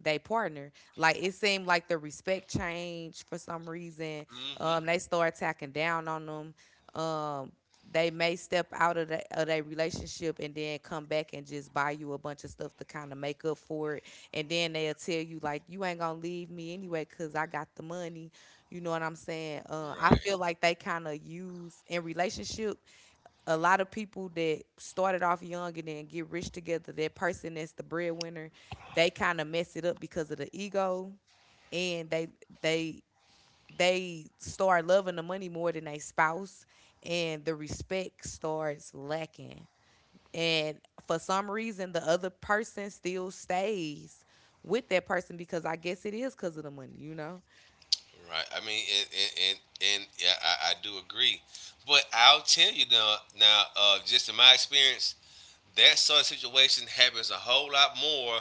Speaker 1: they partner. Like it seemed like the respect changed for some reason.
Speaker 2: Mm hmm.
Speaker 1: They start attacking down on them. They may step out of their relationship and then come back and just buy you a bunch of stuff to kind of make up for it. And then they'll tell you like, you ain't gonna leave me anyway because I got the money. You know what I'm saying? I feel
Speaker 2: Right.
Speaker 1: like they kind of use in relationship a lot of people that started off young and then get rich together, that person that's the breadwinner, they kind of mess it up because of the ego and they they start loving the money more than they spouse and the respect starts lacking. And for some reason the other person still stays with that person because I guess it is because of the money, you know?
Speaker 2: Right. I mean, and yeah, I do agree, but I'll tell you now. Now, just in my experience, that sort of situation happens a whole lot more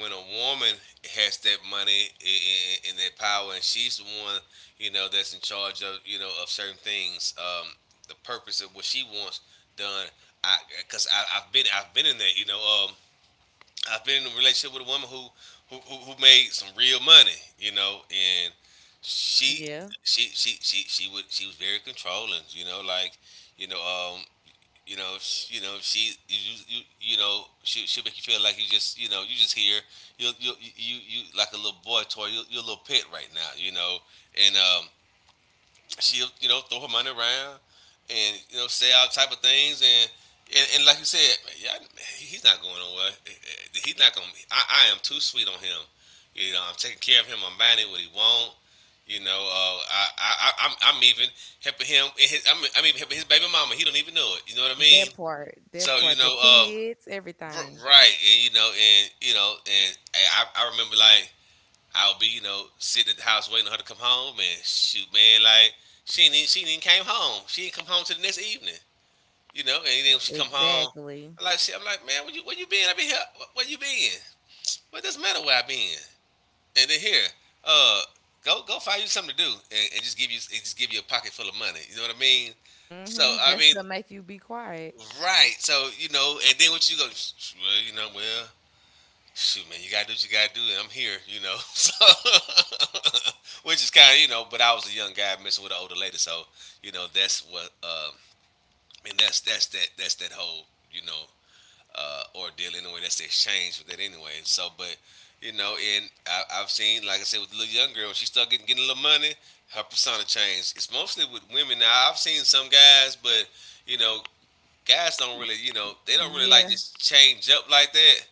Speaker 2: when a woman has that money and that power, and she's the one you know that's in charge of you know of certain things. The purpose of what she wants done. I, because I've been in that you know um I've been in a relationship with a woman who who made some real money, you know, and she
Speaker 1: Yeah.
Speaker 2: she would she was very controlling, you know, like you know um you know sh you know she you know she make you feel like you just you know you just here you like a little boy toy you a little pet right now, you know, and she'll you know throw her money around and you know say all type of things and and like you said, yeah, he's not going nowhere. He's not gonna. I am too sweet on him. You know, I'm taking care of him. I'm buying him what he want. You know, I'm even helping him in his, I'm even helping his baby mama. He don't even know it. You know what I mean?
Speaker 1: That
Speaker 2: So you
Speaker 1: part,
Speaker 2: know,
Speaker 1: the kids, everything.
Speaker 2: right? And you know, and you know, and I remember like I'll be, you know, sitting at the house waiting on her to come home, and shoot, man, like she ain't even came home. She didn't come home till the next evening, you know. And then when she come home,
Speaker 1: Exactly.
Speaker 2: I'm like, shit, I'm like, man, where you been? I been here. Where you been? What doesn't matter where I been. And then here, uh, go find you something to do, and, and just give you a pocket full of money. You know what I mean? So
Speaker 1: Mhm.
Speaker 2: I
Speaker 1: That's
Speaker 2: mean,
Speaker 1: to make you be quiet.
Speaker 2: right. So you know, and then what you go? Well, you know, well, shoot, man, you gotta do what you gotta do, and I'm here, you know. So, which is kind of, you know, but I was a young guy messing with an older lady, so you know that's what. I mean, that's that that's that whole, you know, ordeal anyway. That's the exchange with that anyway. So, but you know, and I've seen, like I said, with the little young girl, when she started getting a little money, her persona changed. It's mostly with women now. I've seen some guys, but you know, guys don't really, you know, they don't really like
Speaker 1: Yeah.
Speaker 2: just change up like that,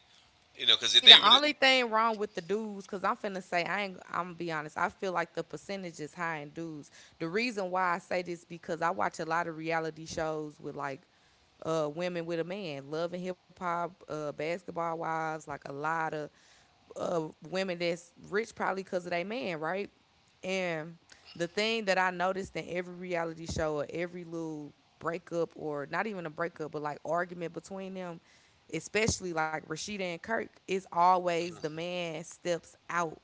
Speaker 2: you know, because if
Speaker 1: See,
Speaker 2: they
Speaker 1: the
Speaker 2: really.
Speaker 1: only thing wrong with the dudes, cause I'm finna say I ain't. I'm gonna be honest. I feel like the percentage is high in dudes. The reason why I say this because I watch a lot of reality shows with like women with a man, Love and Hip Hop, Basketball Wives, like a lot of women that's rich probably because of their man, right? And the thing that I noticed in every reality show or every little breakup or not even a breakup, but like argument between them, especially like Rashida and Kirk, is always the man steps out.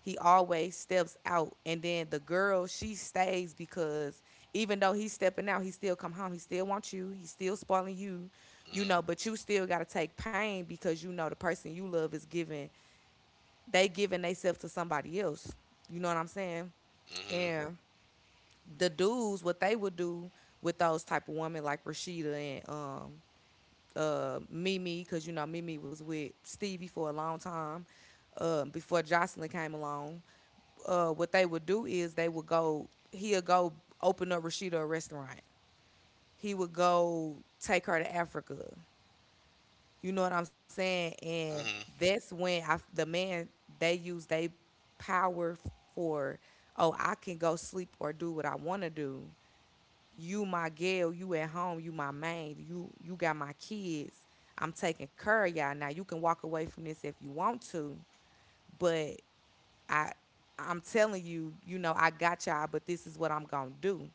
Speaker 1: He always steps out. And then the girl, she stays because even though he's stepping out, he still come home. He still wants you. He still spoiling you, you
Speaker 2: Mm-hmm.
Speaker 1: know, but you still gotta take pain because you know the person you love is giving they giving themselves to somebody else. You know what I'm saying?
Speaker 2: Hmm.
Speaker 1: And the dudes, what they would do with those type of women like Rashida and Mimi, because you know Mimi was with Stevie for a long time, before Jocelyn came along. What they would do is they would go. He'll go open up Rashida a restaurant. He would go take her to Africa. You know what I'm saying? And
Speaker 2: Hmm.
Speaker 1: that's when I, the man they use they power for oh I can go sleep or do what I want to do. You my girl, you at home, you my maid, you got my kids. I'm taking care of y'all now. You can walk away from this if you want to, but I I'm telling you, you know I got y'all, but this is what I'm gonna do.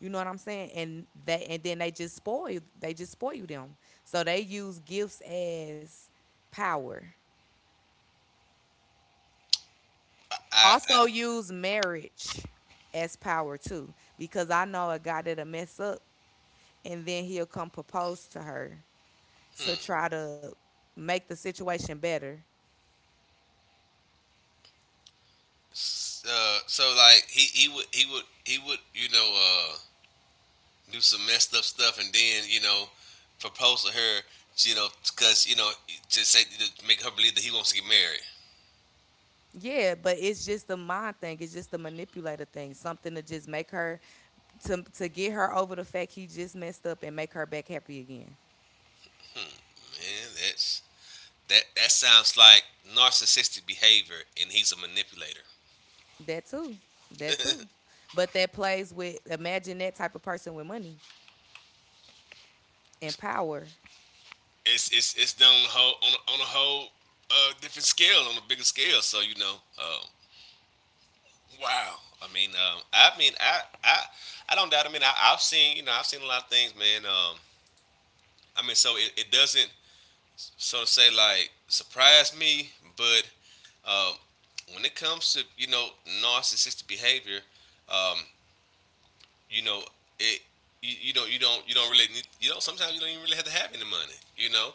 Speaker 1: You know what I'm saying? And they and then they just spoil them. So they use gifts as power.
Speaker 2: I, I
Speaker 1: Also use marriage as power too. Because I know a guy that'll mess up and then he'll come propose to her to try to make the situation better.
Speaker 2: so like he would you know do some messed up stuff and then you know propose to her you know because you know to say to make her believe that he wants to get married.
Speaker 1: Yeah, but it's just the mind thing. It's just the manipulator thing. Something to just make her to get her over the fact he just messed up and make her back happy again.
Speaker 2: Man, that's that sounds like narcissistic behavior, and he's a manipulator.
Speaker 1: That too. That too. But that plays with imagine that type of person with money and power.
Speaker 2: It's it's done on a whole on on a whole different scale on a bigger scale. So you know, um, wow. I mean, I don't doubt. I mean, I've seen, you know, I've seen a lot of things, man. I mean, so it doesn't, so to say, like surprise me, but um, when it comes to, you know, narcissistic behavior, um, you know, it, you don't really need, you know, sometimes you don't even really have to have any money, you know,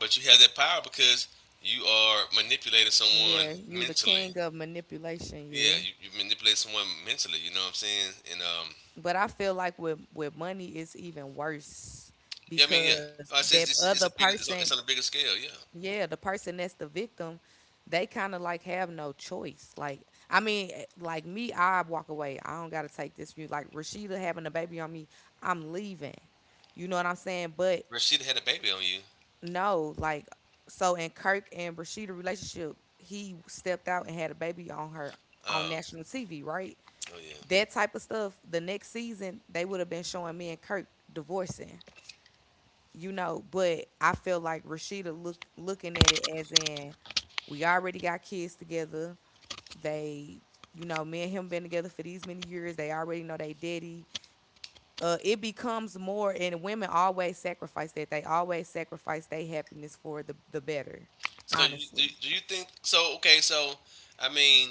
Speaker 2: but you have that power because you are manipulating someone
Speaker 1: Yeah, you the
Speaker 2: mentally.
Speaker 1: king of manipulation,
Speaker 2: Yeah,
Speaker 1: yeah.
Speaker 2: you manipulate someone mentally. You know what I'm saying? And
Speaker 1: But I feel like with money it's even worse
Speaker 2: yeah, I mean, yeah.
Speaker 1: because
Speaker 2: Like I
Speaker 1: that
Speaker 2: say
Speaker 1: other
Speaker 2: it's a bigger,
Speaker 1: person,
Speaker 2: it's on a bigger scale. Yeah,
Speaker 1: yeah, the person that's the victim, they kind of like have no choice. Like, I mean, like me, I walk away. I don't gotta take this view. Like Rashida having a baby on me, I'm leaving. You know what I'm saying? But
Speaker 2: Rashida had a baby on you.
Speaker 1: no, like so in Kirk and Brashida relationship, he stepped out and had a baby on her on
Speaker 2: Oh,
Speaker 1: national TV, right?
Speaker 2: oh yeah.
Speaker 1: That type of stuff. The next season, they would have been showing me and Kirk divorcing, you know. But I feel like Rashida looking at it as in we already got kids together. They, you know, me and him been together for these many years. They already know they daddy it becomes more, and women always sacrifice that. They always sacrifice their happiness for the better.
Speaker 2: So you,
Speaker 1: Honestly,
Speaker 2: do you think? So okay, so I mean,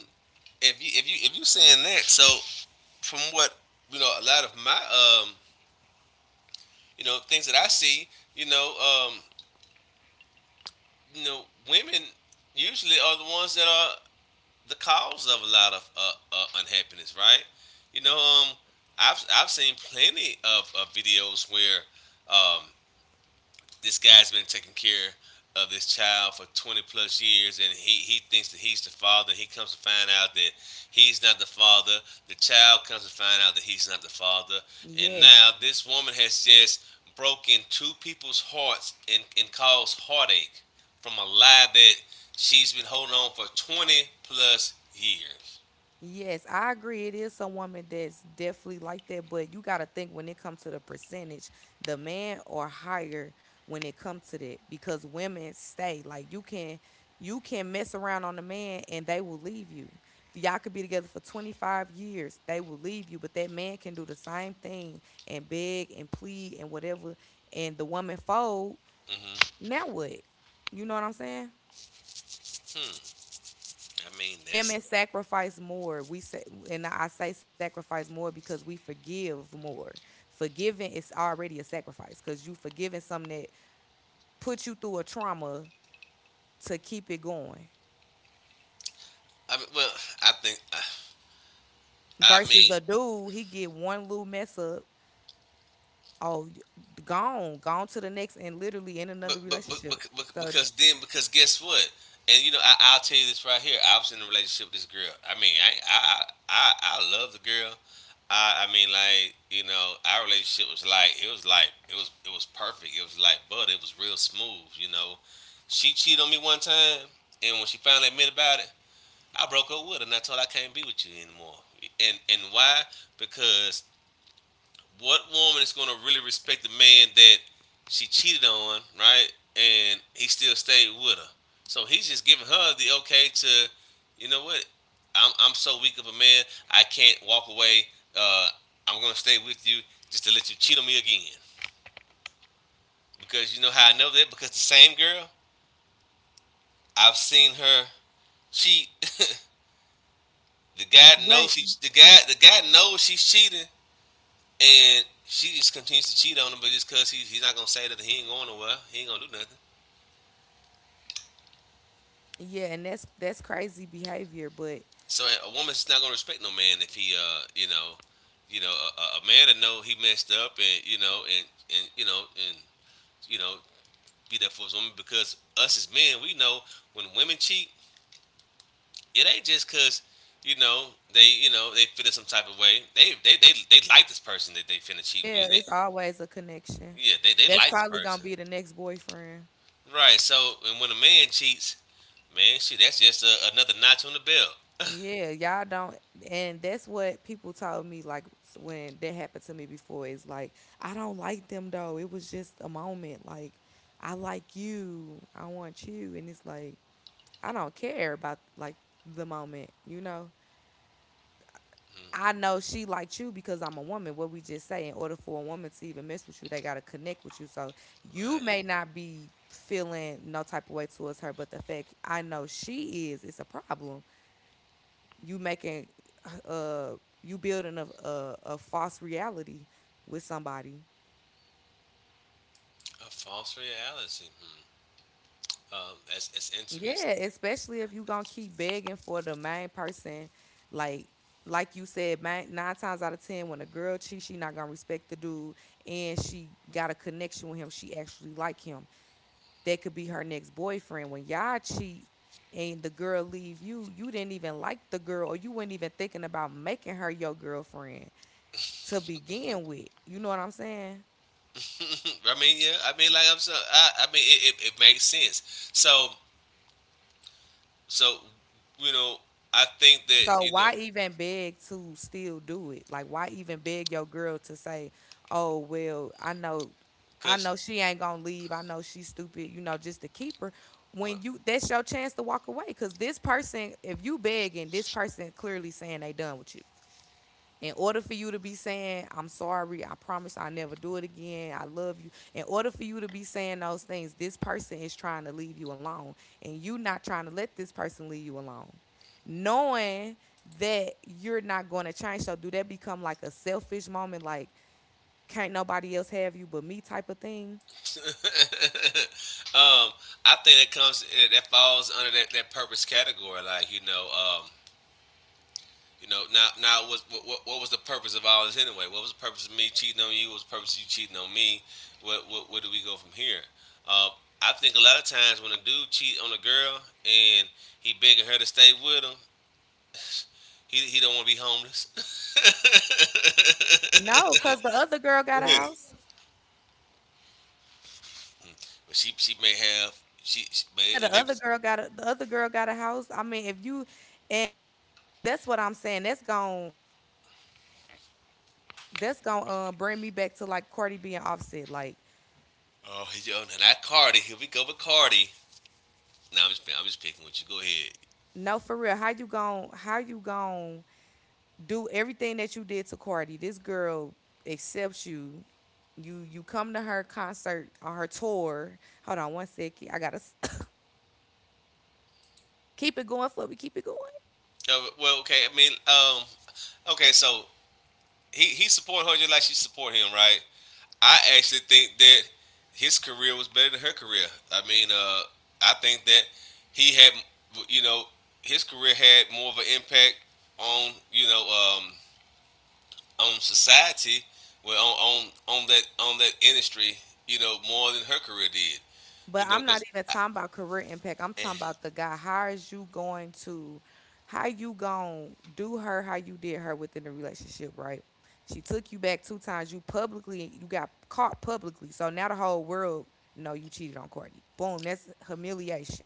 Speaker 2: if you saying that, so from what you know, a lot of my you know, things that I see, you know, um, you know, women usually are the ones that are the cause of a lot of unhappiness, right? You know, I've seen plenty of videos where um, this guy's been taking care of this child for 20 plus years and he thinks that he's the father. He comes to find out that he's not the father. The child comes to find out that he's not the father, and
Speaker 1: yes.
Speaker 2: now this woman has just broken two people's hearts and caused heartache from a lie that she's been holding on for 20 plus years.
Speaker 1: Yes, I agree. It is some woman that's definitely like that, but you got to think when it comes to the percentage, the man or higher when it comes to that because women stay. Like you can mess around on a man and they will leave you. Y'all could be together for 25 years, they will leave you, but that man can do the same thing and beg and plead and whatever and the woman fold.
Speaker 2: Hmm.
Speaker 1: Now what? You know what I'm saying?
Speaker 2: Hmm. I mean that's,
Speaker 1: Women sacrifice more, we say, and I say sacrifice more because we forgive more. Forgiving is already a sacrifice because you forgiving something that put you through a trauma to keep it going
Speaker 2: I mean well, I think I
Speaker 1: versus
Speaker 2: mean.
Speaker 1: a dude he get one little mess up. Oh, gone, gone to the next and literally in
Speaker 2: But,
Speaker 1: another relationship.
Speaker 2: but
Speaker 1: So
Speaker 2: because then because guess what? And you know I'll tell you this right here. I was in a relationship with this girl. I love the girl. I mean like you know our relationship was like it was perfect. It was like but it was real smooth. You know, she cheated on me one time, and when she finally admitted about it, I broke up with her and I told her I can't be with you anymore. And why? Because what woman is gonna really respect the man that she cheated on, right? And he still stayed with her. So he's just giving her the okay to, you know what? I'm so weak of a man, I can't walk away. Uh, I'm gonna stay with you just to let you cheat on me again. Because you know how I know that? Because the same girl, I've seen her cheat. the guy knows
Speaker 1: but
Speaker 2: she the guy knows she's cheating and she just continues to cheat on him, but just cause he's not gonna say that he ain't going nowhere, he ain't gonna do nothing.
Speaker 1: yeah, and that's crazy behavior. But
Speaker 2: So a woman's not gonna respect no man if he, you know, a man to know he messed up and you know be there for his woman, because us as men, we know when women cheat it ain't just cause you know they you know they feel some type of way. They like this person that they finna cheat
Speaker 1: yeah,
Speaker 2: with. They
Speaker 1: it's always a connection.
Speaker 2: Yeah, they
Speaker 1: That's
Speaker 2: like this
Speaker 1: probably gonna
Speaker 2: person.
Speaker 1: be the next boyfriend.
Speaker 2: Right, so and when a man cheats, man, shit, that's just another notch on the belt.
Speaker 1: Yeah, y'all don't, and that's what people told me. Like when that happened to me before, is like I don't like them though. It was just a moment. Like I like you, I want you, and it's like I don't care about like the moment. You know, I know she liked you because I'm a woman. What we just say, in order for a woman to even mess with you, they gotta connect with you. So you may
Speaker 2: Right.
Speaker 1: not be feeling no type of way towards her, but the fact I know she is, it's a problem. You making uh you building a false reality with somebody.
Speaker 2: A false reality. Hmm. That's, it's
Speaker 1: Yeah,
Speaker 2: interesting.
Speaker 1: especially if you gonna keep begging for the main person, like like you said, man, nine times out of ten, when a girl cheats, she not gonna respect the dude, and she got a connection with him. She actually like him. That could be her next boyfriend. When y'all cheat and the girl leave you, you didn't even like the girl, or you weren't even thinking about making her your girlfriend to begin with. You know what I'm saying?
Speaker 2: I mean, yeah. I mean, I mean, it makes sense. So, so, you know, I think that,
Speaker 1: So why even beg to still do it? Like why even beg your girl to say, "Oh, well, I
Speaker 2: cause
Speaker 1: know she ain't going to leave. I know she's stupid, you know, just to keep her."
Speaker 2: well,
Speaker 1: When you that's your chance to walk away cuz this person, if you begging, this person clearly saying they done with you. In order for you to be saying, I'm sorry, I promise I'll never do it again, I love you. In order for you to be saying those things, this person is trying to leave you alone. And you not trying to let this person leave you alone. Knowing that you're not going to change. So do that become like a selfish moment, like can't nobody else have you but me type of thing?
Speaker 2: um, I think that falls under that, that purpose category. Like, now, now what was the purpose of all this anyway? What was the purpose of me cheating on you? What was the purpose of you cheating on me? What where do we go from here? Um, I think a lot of times when a dude cheat on a girl and he begging her to stay with him, he don't want to be homeless.
Speaker 1: No, because the other girl got a house.
Speaker 2: But she may have, she may,
Speaker 1: Yeah,
Speaker 2: it
Speaker 1: the
Speaker 2: may be,
Speaker 1: other girl got a house. I mean, if you and that's what I'm saying, that's gone that's gonna bring me back to like Cardi B and Offset. Like,
Speaker 2: oh, not Cardi. Here we go with Cardi. No, I'm just picking with you. Go ahead.
Speaker 1: no, for real, how you gon' do everything that you did to Cardi? This girl accepts you. You come to her concert on her tour. Hold on 1 second. I gotta s- keep it going, Flubby. Keep it going.
Speaker 2: Well, okay. I mean, okay. So he support her just like she support him, right? I actually think that his career was better than her career. I mean, I think that he had, you know his career had more of an impact on, um on society, well, on that, on that industry, you know, more than her career did. You
Speaker 1: But
Speaker 2: know,
Speaker 1: I'm not
Speaker 2: because
Speaker 1: even talking about career impact. I'm talking about the guy. How is you going to, how you going to do her how you did her within the relationship, right? She took you back 2 times. You publicly, you got caught publicly. So now the whole world know you cheated on Courtney. Boom, that's humiliation.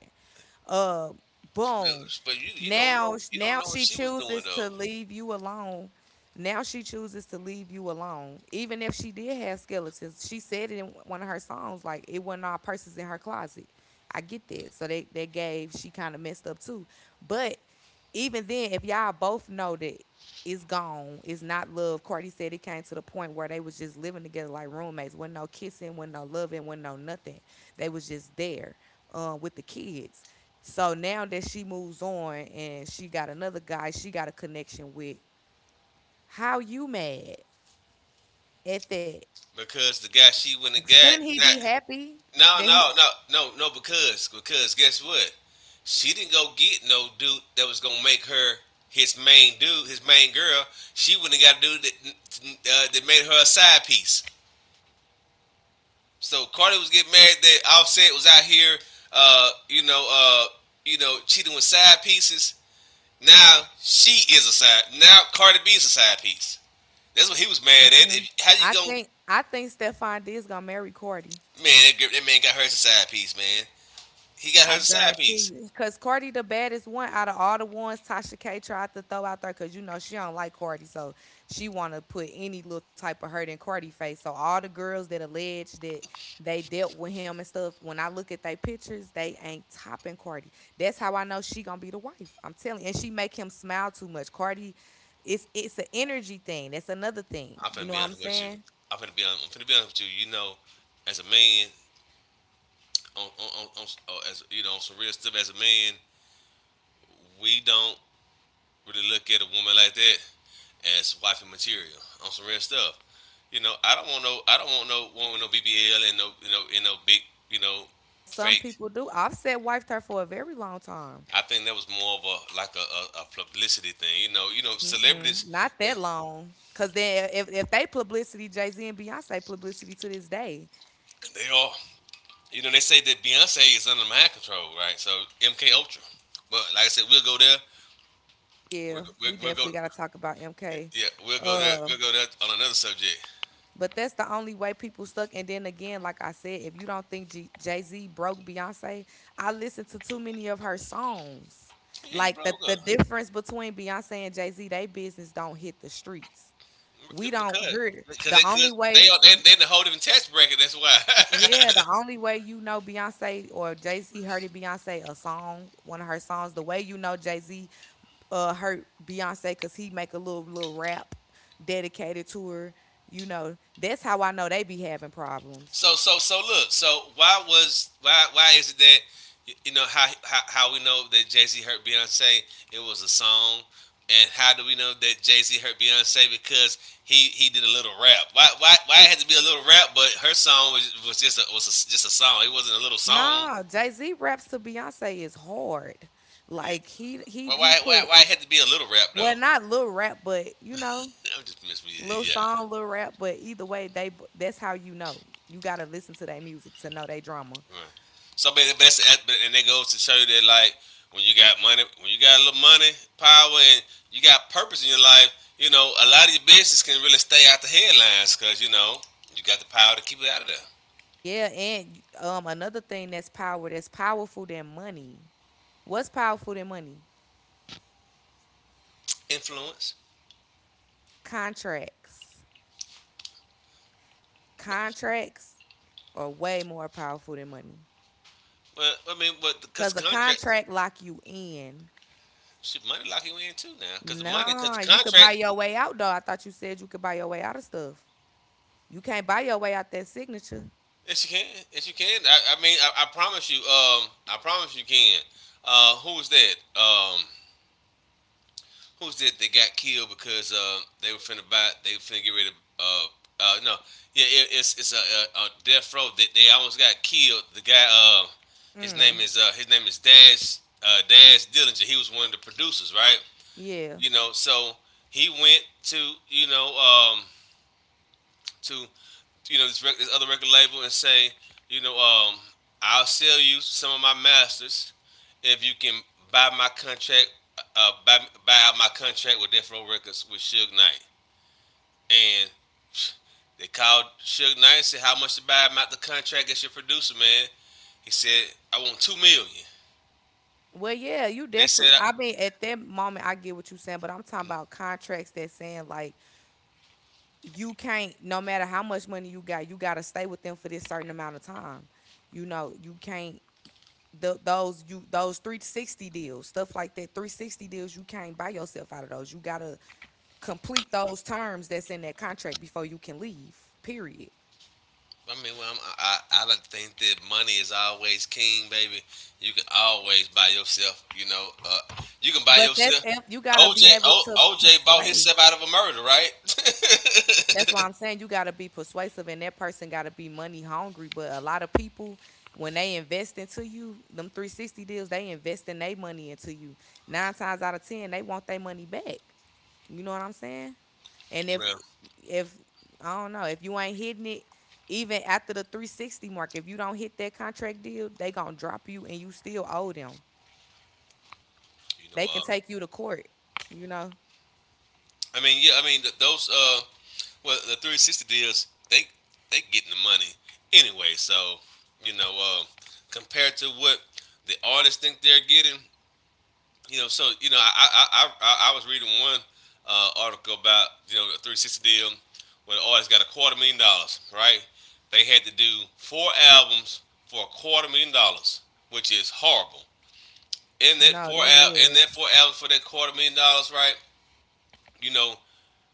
Speaker 1: Uh, boom.
Speaker 2: But you don't
Speaker 1: Now,
Speaker 2: know, you don't
Speaker 1: now
Speaker 2: know what
Speaker 1: she
Speaker 2: she was doing
Speaker 1: chooses
Speaker 2: though.
Speaker 1: to leave you alone. Now she chooses to leave you alone, even if she did have skeletons. She said it in one of her songs, like it wasn't all purses in her closet. I get that. So they that gave she kind of messed up too, but even then, if y'all both know that it's gone, it's not love. Courtney said it came to the point where they was just living together like roommates. Wasn't no kissing, wasn't no loving, wasn't no nothing. They was just there with the kids. So now that she moves on and she got another guy, she got a connection with. How you mad at that?
Speaker 2: Because the guy she went and
Speaker 1: Shouldn't
Speaker 2: got,
Speaker 1: he be
Speaker 2: not,
Speaker 1: happy
Speaker 2: no
Speaker 1: that he?
Speaker 2: no no no no, because, because guess what, she didn't go get no dude that was gonna make her his main dude, his main girl. She went and got a dude that, that made her a side piece. So Cardi was getting mad that Offset was out here, uh, you know, uh, cheating with side pieces. Now she is a side. Now Cardi B is a side piece. That's what he was mad at.
Speaker 1: Mm-mm.
Speaker 2: If, how you
Speaker 1: I
Speaker 2: going
Speaker 1: think I think Stefan D is gonna marry Cordy.
Speaker 2: to, man? That that man got her as a side piece, man. He got her
Speaker 1: I
Speaker 2: as a side
Speaker 1: guarantee
Speaker 2: piece.
Speaker 1: you. Because Cardi the baddest one out of all the ones Tasha K tried to throw out there because you know she don't like Cardi. So she want to put any little type of hurt in Cardi face. So all the girls that allege that they dealt with him and stuff, when I look at their pictures, they ain't topping Cardi. That's how I know she going to be the wife. I'm telling you. And she make him smile too much. Cardi, it's an energy thing. That's another thing.
Speaker 2: I'm
Speaker 1: You
Speaker 2: finna
Speaker 1: know
Speaker 2: be
Speaker 1: what I'm
Speaker 2: honest with you.
Speaker 1: saying?
Speaker 2: I'm finna be honest. I'm finna be honest with you. You know, as a man, on oh, as you know, on some real stuff. As a man, we don't really look at a woman like that as wifey material, on some real stuff. You know, I don't want no, I don't want no BBL and no, you know, and no big, you know,
Speaker 1: Some
Speaker 2: fake.
Speaker 1: people do. I've said wife her for a very long time.
Speaker 2: I think that was more of a like a publicity thing. You know,
Speaker 1: Mm-mm,
Speaker 2: celebrities,
Speaker 1: not
Speaker 2: they,
Speaker 1: that long. Cause then if they publicity, Jay Z and Beyonce publicity to this day.
Speaker 2: they are. You know, they say that Beyonce is under mind control, right? So, MK Ultra. But like I said, we'll go there.
Speaker 1: Yeah, we
Speaker 2: We'll go.
Speaker 1: definitely gotta talk about MK.
Speaker 2: Yeah, we'll go there.
Speaker 1: Uh,
Speaker 2: We'll go there on another subject.
Speaker 1: but that's the only way people stuck. And then again, like I said, if you don't think G- Jay Z broke Beyonce, I listened to too many of her songs.
Speaker 2: Yeah, he
Speaker 1: Like the
Speaker 2: broke
Speaker 1: the
Speaker 2: up
Speaker 1: difference between Beyonce and Jay Z, they business don't hit the streets. We don't
Speaker 2: because,
Speaker 1: hear. It.
Speaker 2: because
Speaker 1: The
Speaker 2: they
Speaker 1: only
Speaker 2: cause they
Speaker 1: way
Speaker 2: are, they in a whole different tax bracket. That's why.
Speaker 1: yeah, the only way you know Beyonce or Jay Z heard it, Beyonce a song, one of her songs. The way you know Jay Z hurt Beyonce, cause he make a little little rap dedicated to her. You know, that's how I know they be having problems.
Speaker 2: So look. So why was, why is it that, you know, how we know that Jay Z hurt Beyonce? It was a song. And how do we know that Jay Z hurt Beyonce? Because he did a little rap? Why it had to be a little rap? But her song was just just a song. It wasn't a little song.
Speaker 1: Nah, Jay Z raps to Beyonce is hard.
Speaker 2: Yeah.
Speaker 1: Like he he
Speaker 2: Why
Speaker 1: he
Speaker 2: why why
Speaker 1: put
Speaker 2: why it had to be a little rap
Speaker 1: well
Speaker 2: though?
Speaker 1: not little rap, but you know
Speaker 2: I'm just missing.
Speaker 1: little
Speaker 2: Yeah, yeah.
Speaker 1: song, little rap. But either way, they that's how you know. You gotta listen to their music to know they drama.
Speaker 2: Right. So, but that's, and they go to show you that, like, when you got money, when you got a little money, power, and you got purpose in your life, you know, a lot of your business can really stay out the headlines, because, you know, you got the power to keep it out of there.
Speaker 1: Yeah, and another thing that's power that's powerful than money. What's powerful than money?
Speaker 2: Influence.
Speaker 1: Contracts. Contracts are way more powerful than money.
Speaker 2: Well, I mean, but because
Speaker 1: Cause a
Speaker 2: the contract,
Speaker 1: contract lock you in.
Speaker 2: shit, money lock you in too now. Because the money, because
Speaker 1: Nah,
Speaker 2: the
Speaker 1: you could buy
Speaker 2: contract,
Speaker 1: your way out though. I thought you said you could buy your way out of stuff. You can't buy your way out that signature.
Speaker 2: yes you can, yes you can. I mean, I promise you can. Who was that? Who's it that got killed because, they were finna buy, they were finna get rid of, uh, no, yeah, it's a death row that they almost got killed. The guy,
Speaker 1: Mm.
Speaker 2: his name is Dash, Dash Dillinger. He was one of the producers, right?
Speaker 1: Yeah.
Speaker 2: You know, so he went to, you know um, to this other record label and say, you know, I'll sell you some of my masters if you can buy my contract, uh, buy, buy out my contract with Death Row Records with Suge Knight. And they called Suge Knight and said, how much to buy him out the contract as your producer, man? He said, I want 2 million.
Speaker 1: Well, yeah, you
Speaker 2: They said,
Speaker 1: definitely. I mean, at that moment, I get what you're saying, but I'm talking about contracts that saying like you can't no matter how much money you got to stay with them for this certain amount of time you know you can't th- those you those 360 deals stuff like that 360 deals you can't buy yourself out of those you got to complete those terms that's in that contract before you can leave period
Speaker 2: I mean, well, I'm, I not think that money is always king, baby. You can always buy yourself. You know, you can buy
Speaker 1: but that's
Speaker 2: yourself.
Speaker 1: ev- you got to
Speaker 2: OJ
Speaker 1: be able
Speaker 2: o,
Speaker 1: to
Speaker 2: OJ bought
Speaker 1: persuade.
Speaker 2: himself out of a murder, right?
Speaker 1: That's why I'm saying you gotta be persuasive and that person gotta be money hungry. But a lot of people, when they invest into you, them 360 deals, they invest in their money into you. Nine times out of ten, they want their money back. You know what I'm saying? And if
Speaker 2: Well,
Speaker 1: if I don't know, if you ain't hitting it, even after the 360 mark, if you don't hit that contract deal, they gonna drop you and you still owe them.
Speaker 2: you know,
Speaker 1: They can take you to court, you know?
Speaker 2: I mean, yeah, I mean, the 360 deals, they getting the money anyway. So, you know, compared to what the artists think they're getting. You know, so, you know, I was reading one, article about, you know, the 360 deal where the artist got a quarter million dollars, right? They had to do four albums for a quarter million dollars, which is horrible. In that
Speaker 1: No, that
Speaker 2: in that
Speaker 1: is.
Speaker 2: four albums for that quarter million dollars, right? You know,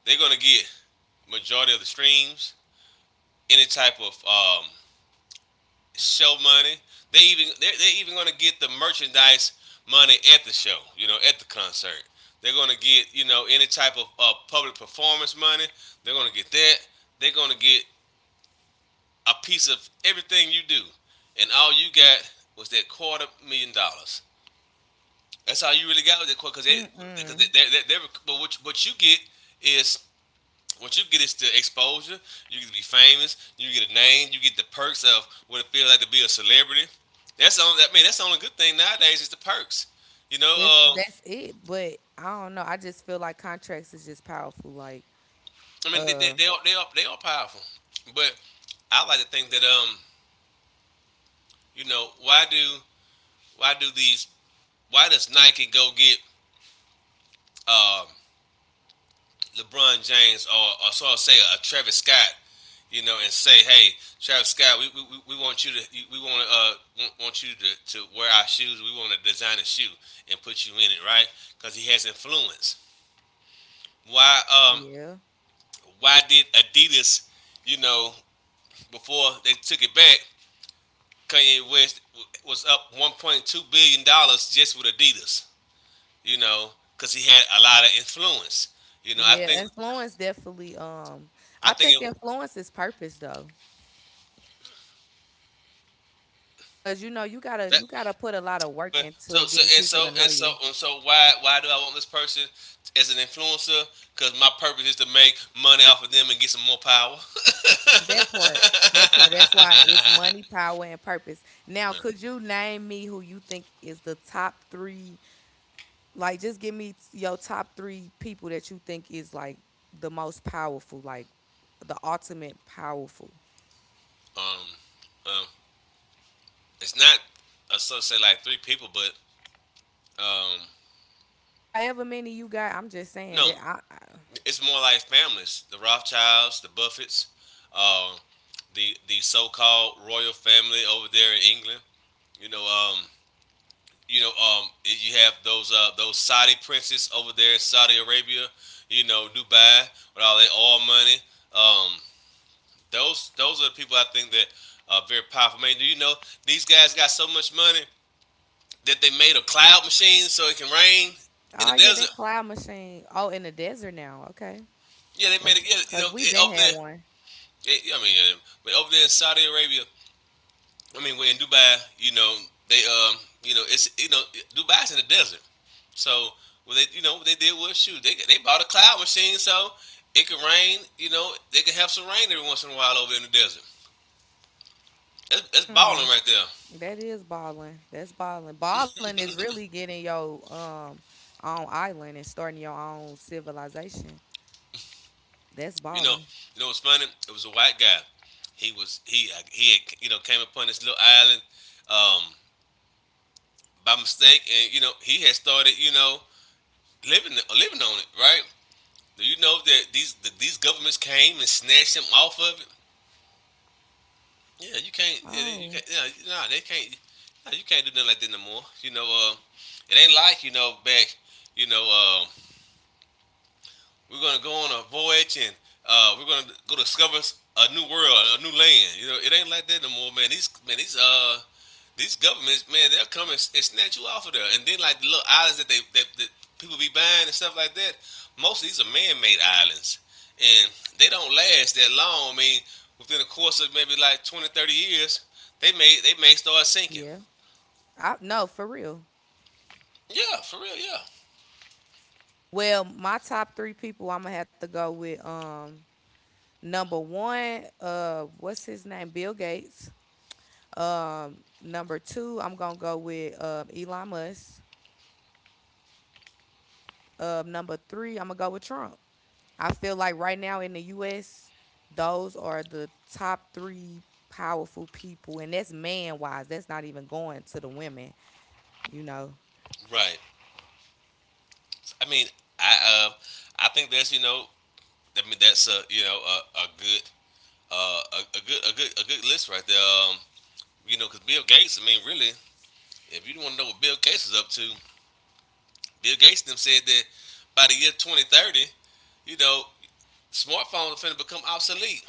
Speaker 2: they're gonna get majority of the streams, any type of, show money. They even they're even gonna get the merchandise money at the show. You know, at the concert, they're gonna get, you know, any type of, public performance money. They're gonna get that. They're gonna get a piece of everything you do, and all you got was that quarter million dollars. That's all you really got with that quarter, because because they,
Speaker 1: Mm-mm.
Speaker 2: they, they, they, but what you get is, what you get is the exposure. You get to be famous. You get a name. You get the perks of what it feels like to be a celebrity. That's the only. I mean, that's the only good thing nowadays is the perks. You know,
Speaker 1: That's it. But I don't know. I just feel like contracts is just powerful. Like,
Speaker 2: I mean,
Speaker 1: uh,
Speaker 2: they are, they are powerful, but I like to think that, you know, why do, these, why does Nike go get, um LeBron James, or sort of say a Travis Scott, you know, and say, "Hey, Travis Scott, we want you to, we want to, want- you to wear our shoes. We want to design a shoe and put you in it," right? Because he has influence. Why,
Speaker 1: yeah,
Speaker 2: why did Adidas, you know, before they took it back, Kanye West was up 1.2 billion dollars just with Adidas, you know, because he had a lot of influence. You know, I
Speaker 1: yeah.
Speaker 2: think,
Speaker 1: Influence definitely.
Speaker 2: I
Speaker 1: I
Speaker 2: think
Speaker 1: think
Speaker 2: it,
Speaker 1: influence is purpose though, because you know
Speaker 2: that
Speaker 1: you gotta put a lot of work
Speaker 2: But
Speaker 1: into
Speaker 2: so so
Speaker 1: getting
Speaker 2: and
Speaker 1: people to
Speaker 2: so
Speaker 1: know
Speaker 2: and so
Speaker 1: you.
Speaker 2: and so why, do I want this person as an influencer? Because my purpose is to make money off of them and get some more power.
Speaker 1: That part, that part. That's why it's money, power, and purpose. Now, could you name me who you think is the top three? Like, just give me your top three people that you think is like the most powerful, like the ultimate powerful.
Speaker 2: um, um, it's not, I sort of say like three people, but, um,
Speaker 1: However many you got, I'm just saying
Speaker 2: no,
Speaker 1: that. I,
Speaker 2: it's more like families: the Rothschilds, the Buffets, uh, the so-called royal family over there in England. You know, um, you have those, those Saudi princes over there in Saudi Arabia, you know, Dubai, with all their oil money. Um, those are the people I think that are very powerful. Man, do you know these guys got so much money that they made a cloud machine so it can rain in the
Speaker 1: oh yeah,
Speaker 2: desert?
Speaker 1: that cloud machine. Oh, in the desert now. Okay,
Speaker 2: Yeah, they made it.
Speaker 1: cause,
Speaker 2: Yeah, you
Speaker 1: cause
Speaker 2: know,
Speaker 1: we been
Speaker 2: up
Speaker 1: had
Speaker 2: there.
Speaker 1: one.
Speaker 2: It, I mean, yeah, but over there in Saudi Arabia, I mean, we're in Dubai, you know, they, you know, it's, you know, Dubai's in the desert, so, well, they, you know what they did was, shoot, they bought a cloud machine so it could rain, you know, they could have some rain every once in a while over in the desert. That's
Speaker 1: Hmm.
Speaker 2: balling right there,
Speaker 1: That is balling. That's balling. Balling is really getting your own island and starting your own civilization. That's
Speaker 2: you know.
Speaker 1: balling.
Speaker 2: You know what's funny? It was a white guy. He was he had, you know, came upon this little island, um, by mistake, and, you know, he had started, you know, living, living on it, right? Do you know that these governments came and snatched him off of it? Yeah, you can't. Yeah, you
Speaker 1: Oh
Speaker 2: can't. Yeah, nah, they can't. Nah, you can't do nothing like that no more. You know, it ain't like, you know, back, you know, we're gonna go on a voyage and, we're gonna go discover a new world, a new land. You know, it ain't like that no more, man. These man, these, these governments, man, they'll come and snatch you off of there. And then, like, the little islands that that people be buying and stuff like that, most of these are man-made islands, and they don't last that long. I mean, within the course of maybe like 20, 30 years, they may start sinking.
Speaker 1: yeah. I no for real.
Speaker 2: Yeah, for real. Yeah,
Speaker 1: Well, my top three people I'm gonna have to go with number one, what's his name? Bill Gates. Number two, I'm gonna go with Elon Musk. Number three, I'm gonna go with Trump. I feel like right now in the U.S., those are the top three powerful people, and that's man wise. That's not even going to the women, you know.
Speaker 2: right. I mean, I uh, I think that's, you know, I mean, that's a, you know, a good, a good, a good list right there. You know, because Bill Gates. I mean, really, if you want to know what Bill Gates is up to, Bill Gates them said that by the year 2030, you know, smartphones are finna become obsolete.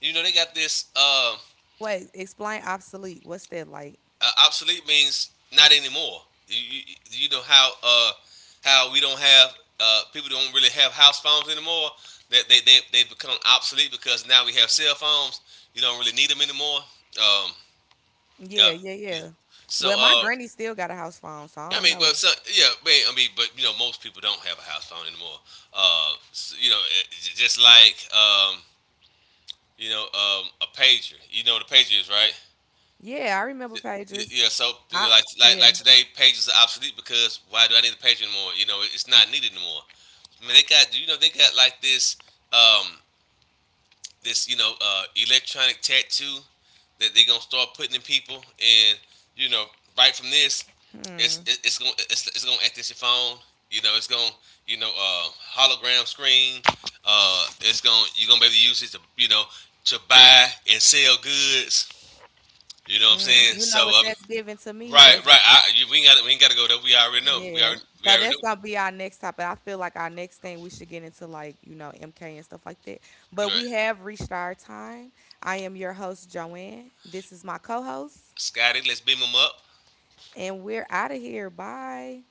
Speaker 2: You know, they got this.
Speaker 1: Wait, explain obsolete. What's that like?
Speaker 2: Obsolete means not anymore. You know how, we don't have, people don't really have house phones anymore. That they become obsolete because now we have cell phones. You don't really need them anymore. Um, Yeah,
Speaker 1: Yeah, yeah,
Speaker 2: yeah.
Speaker 1: yeah.
Speaker 2: So,
Speaker 1: Well, my granny still got a house phone, so I
Speaker 2: I
Speaker 1: don't
Speaker 2: mean, but
Speaker 1: know.
Speaker 2: so, yeah, I mean, but you know, most people don't have a house phone anymore. So, you know, just like, a pager. You know what a pager is, right?
Speaker 1: Yeah, I remember
Speaker 2: Y-
Speaker 1: pagers.
Speaker 2: Yeah. So, you know,
Speaker 1: I
Speaker 2: like,
Speaker 1: yeah.
Speaker 2: today, pagers are obsolete because why do I need a pager anymore? You know, it's not needed anymore. I mean, they got, you know, they got like this. Um, you know, electronic tattoo that they're gonna start putting in people, and, you know, right from this,
Speaker 1: Hmm.
Speaker 2: it's gonna, it's gonna act as your phone. You know, it's gonna, you know, hologram screen. It's gonna, you're gonna be able to use it to, you know, to buy and sell goods. You know what I'm
Speaker 1: Mm.
Speaker 2: saying?
Speaker 1: You
Speaker 2: So,
Speaker 1: know what that's giving to me?
Speaker 2: right,
Speaker 1: That's
Speaker 2: right. We ain't got, to go there. We already know.
Speaker 1: yeah.
Speaker 2: We
Speaker 1: So
Speaker 2: already
Speaker 1: that's
Speaker 2: know.
Speaker 1: gonna be our next topic. I feel like our next thing we should get into like, you know, MK and stuff like that. But we
Speaker 2: Right,
Speaker 1: have reached our time. I am your host, Joanne. This is my co-host,
Speaker 2: Scotty, let's beam him up.
Speaker 1: and we're out of here. Bye.